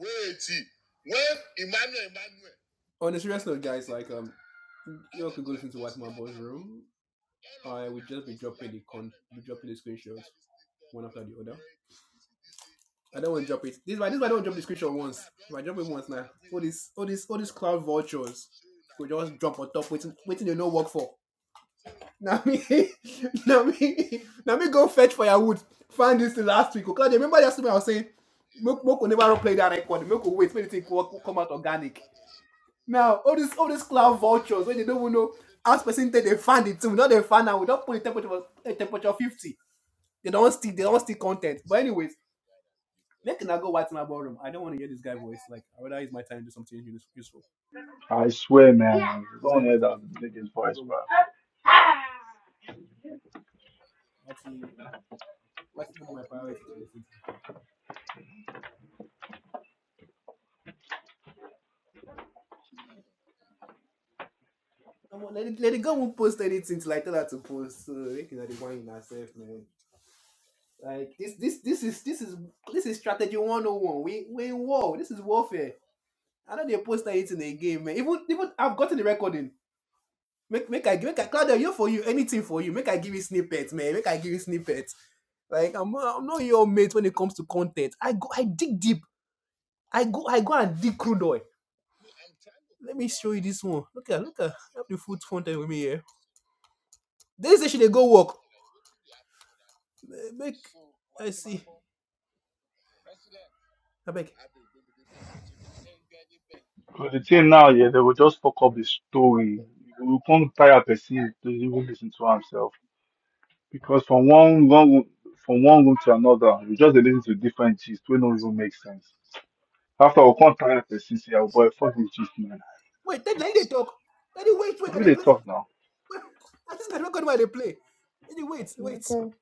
Speaker 4: Hey,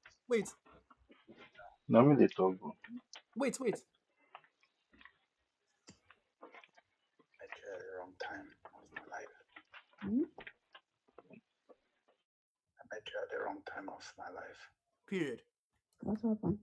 Speaker 4: what happened?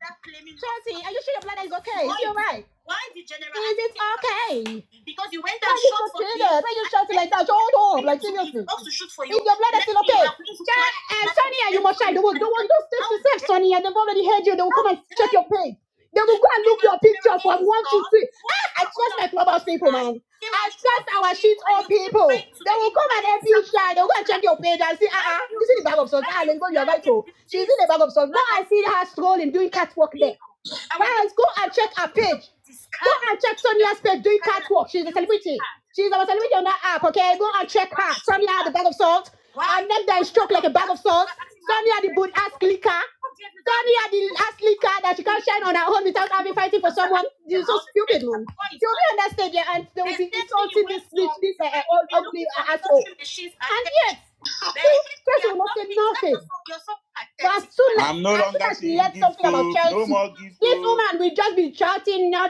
Speaker 4: Stop claiming. Chelsea, are you sure your bladder is okay? Is Why? she alright? Why the general? Is it okay? Because you went Why and Why you shot so for me. Why you shouting like that? Hold up, like seriously. supposed to shoot for you. Is your bladder Let still okay? have reason to Ch- uh, Sonia, you must try. They will, they will just stay how to safe, Sonia. They've already heard you. They will come and check your page. They will go and look your picture from is one to three. why I all people. They will fight for Jesus and So they struck like a boss. So good out without having fighting for someone. You're so stupid, man. You'll be understand yeah, and they will be insulting this this, this uh, uh, all ugly uh, asshole. And yet, this person will not say nothing. But soon, man, we just be shouting, now.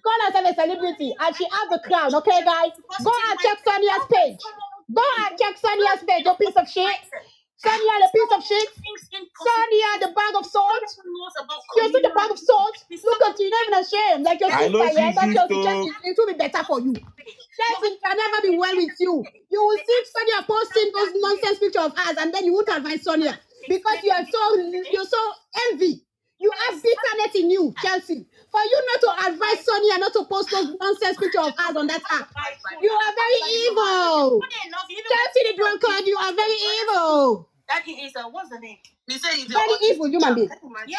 Speaker 4: gone as a celebrity and she has the crown, okay, guys? Go and check Sonia's page. Go and check Sonia's page, you piece of shit. Sonia, the piece of shit. Sonia, the bag of salt. You see the bag of salt? Look at your shame. It will be better. Nothing can never be well with you. You will see Sonia posting those nonsense because you are so, you're so big. You have asking you, Chelsea, for you not to advise Sonia not to post those nonsense pictures of us on that app. You are very evil. Chelsea the drunk card, you are very evil. Very evil human being. Yeah.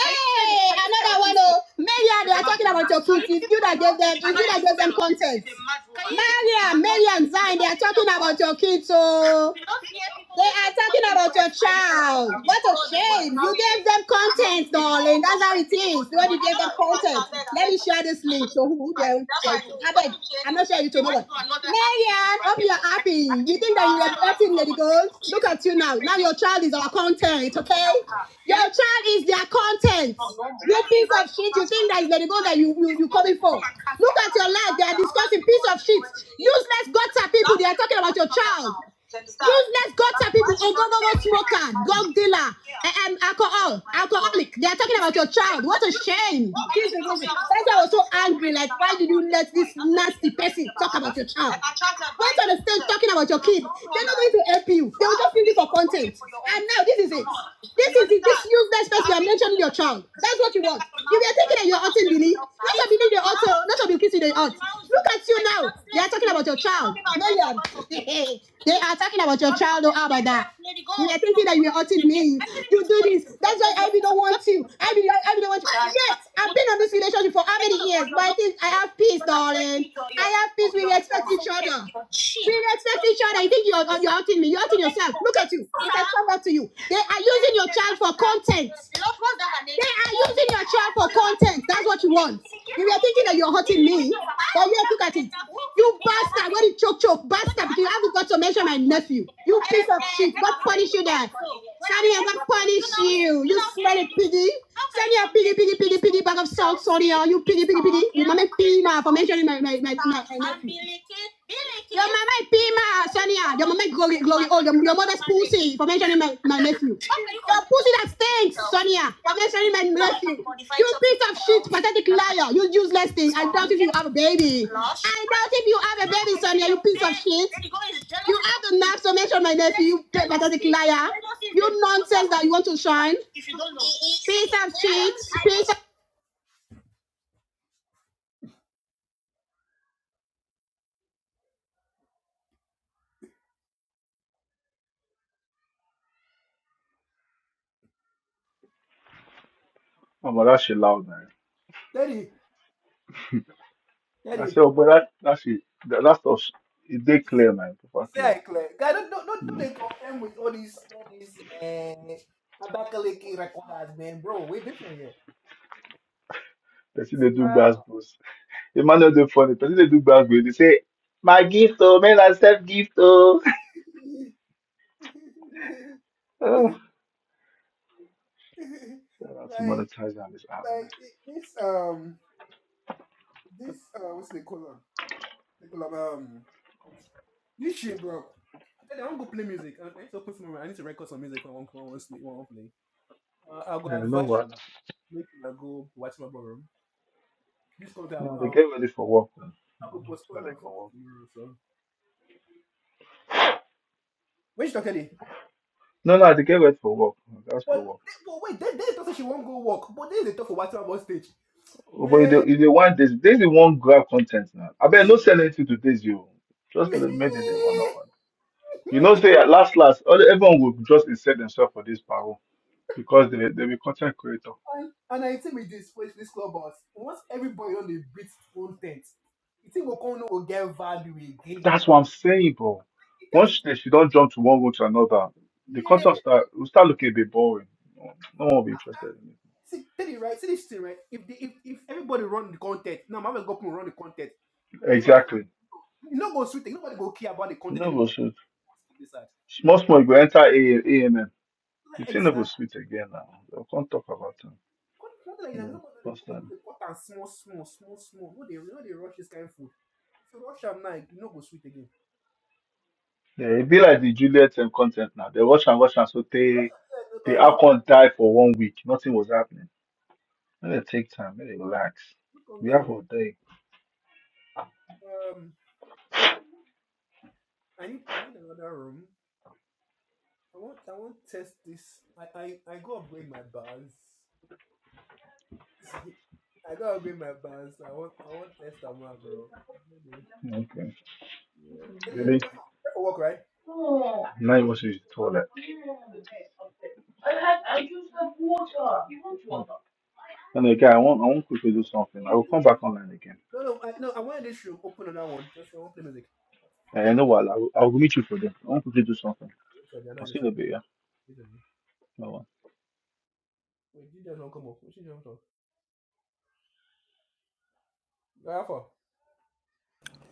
Speaker 4: Hey, another one. Oh, Maria, they are talking about your kids. It's you that gave them, it's you that gave them content. Maria, Maria and Zion, they are talking about your kids. So, give them content. yeah, are they child don't have by that. You are thinking that you, you do this. That's why Ivy don't want you. Ivy, Ivy don't want you. Yes, I've been on this relationship for how many years? But I think I have peace, darling. I have peace. We respect each other. We respect each other. You think you're you're outing me? You're outing yourself. Look at you. It has come back to you. They are using your child for content. They are using your child for content. That's what you want. You were thinking that you're hurting me. But yes, look at it. You bastard. What did choke choke? Bastard. You haven't got to mention my nephew. You you that. Sorry, I'm gonna punish you. You smelly piggy, piggy, piggy, piggy, piggy, piggy. You mama pee ma for mentioning my my my my. my- Your mama pee ma, Sonia. Your mama glory glory pussy for mentioning my my nephew. Thanks, Sonia. God bless you. You piece of shit, pathetic liar. You useless thing. I have a baby. I piece of shit. You have the nerve to mention my nephew. You pathetic liar. You nonsense that you want to shine. Piece of shit. Piece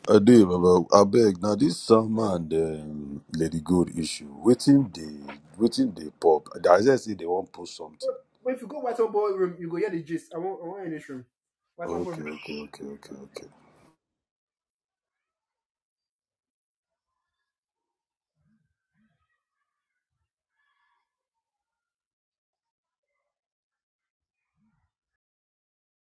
Speaker 8: I do, Baba. I beg now. This Salman and um, Lady Good issue. Waiting they, waiting they pop. I just say they won't post something. Okay, okay, okay, okay, okay.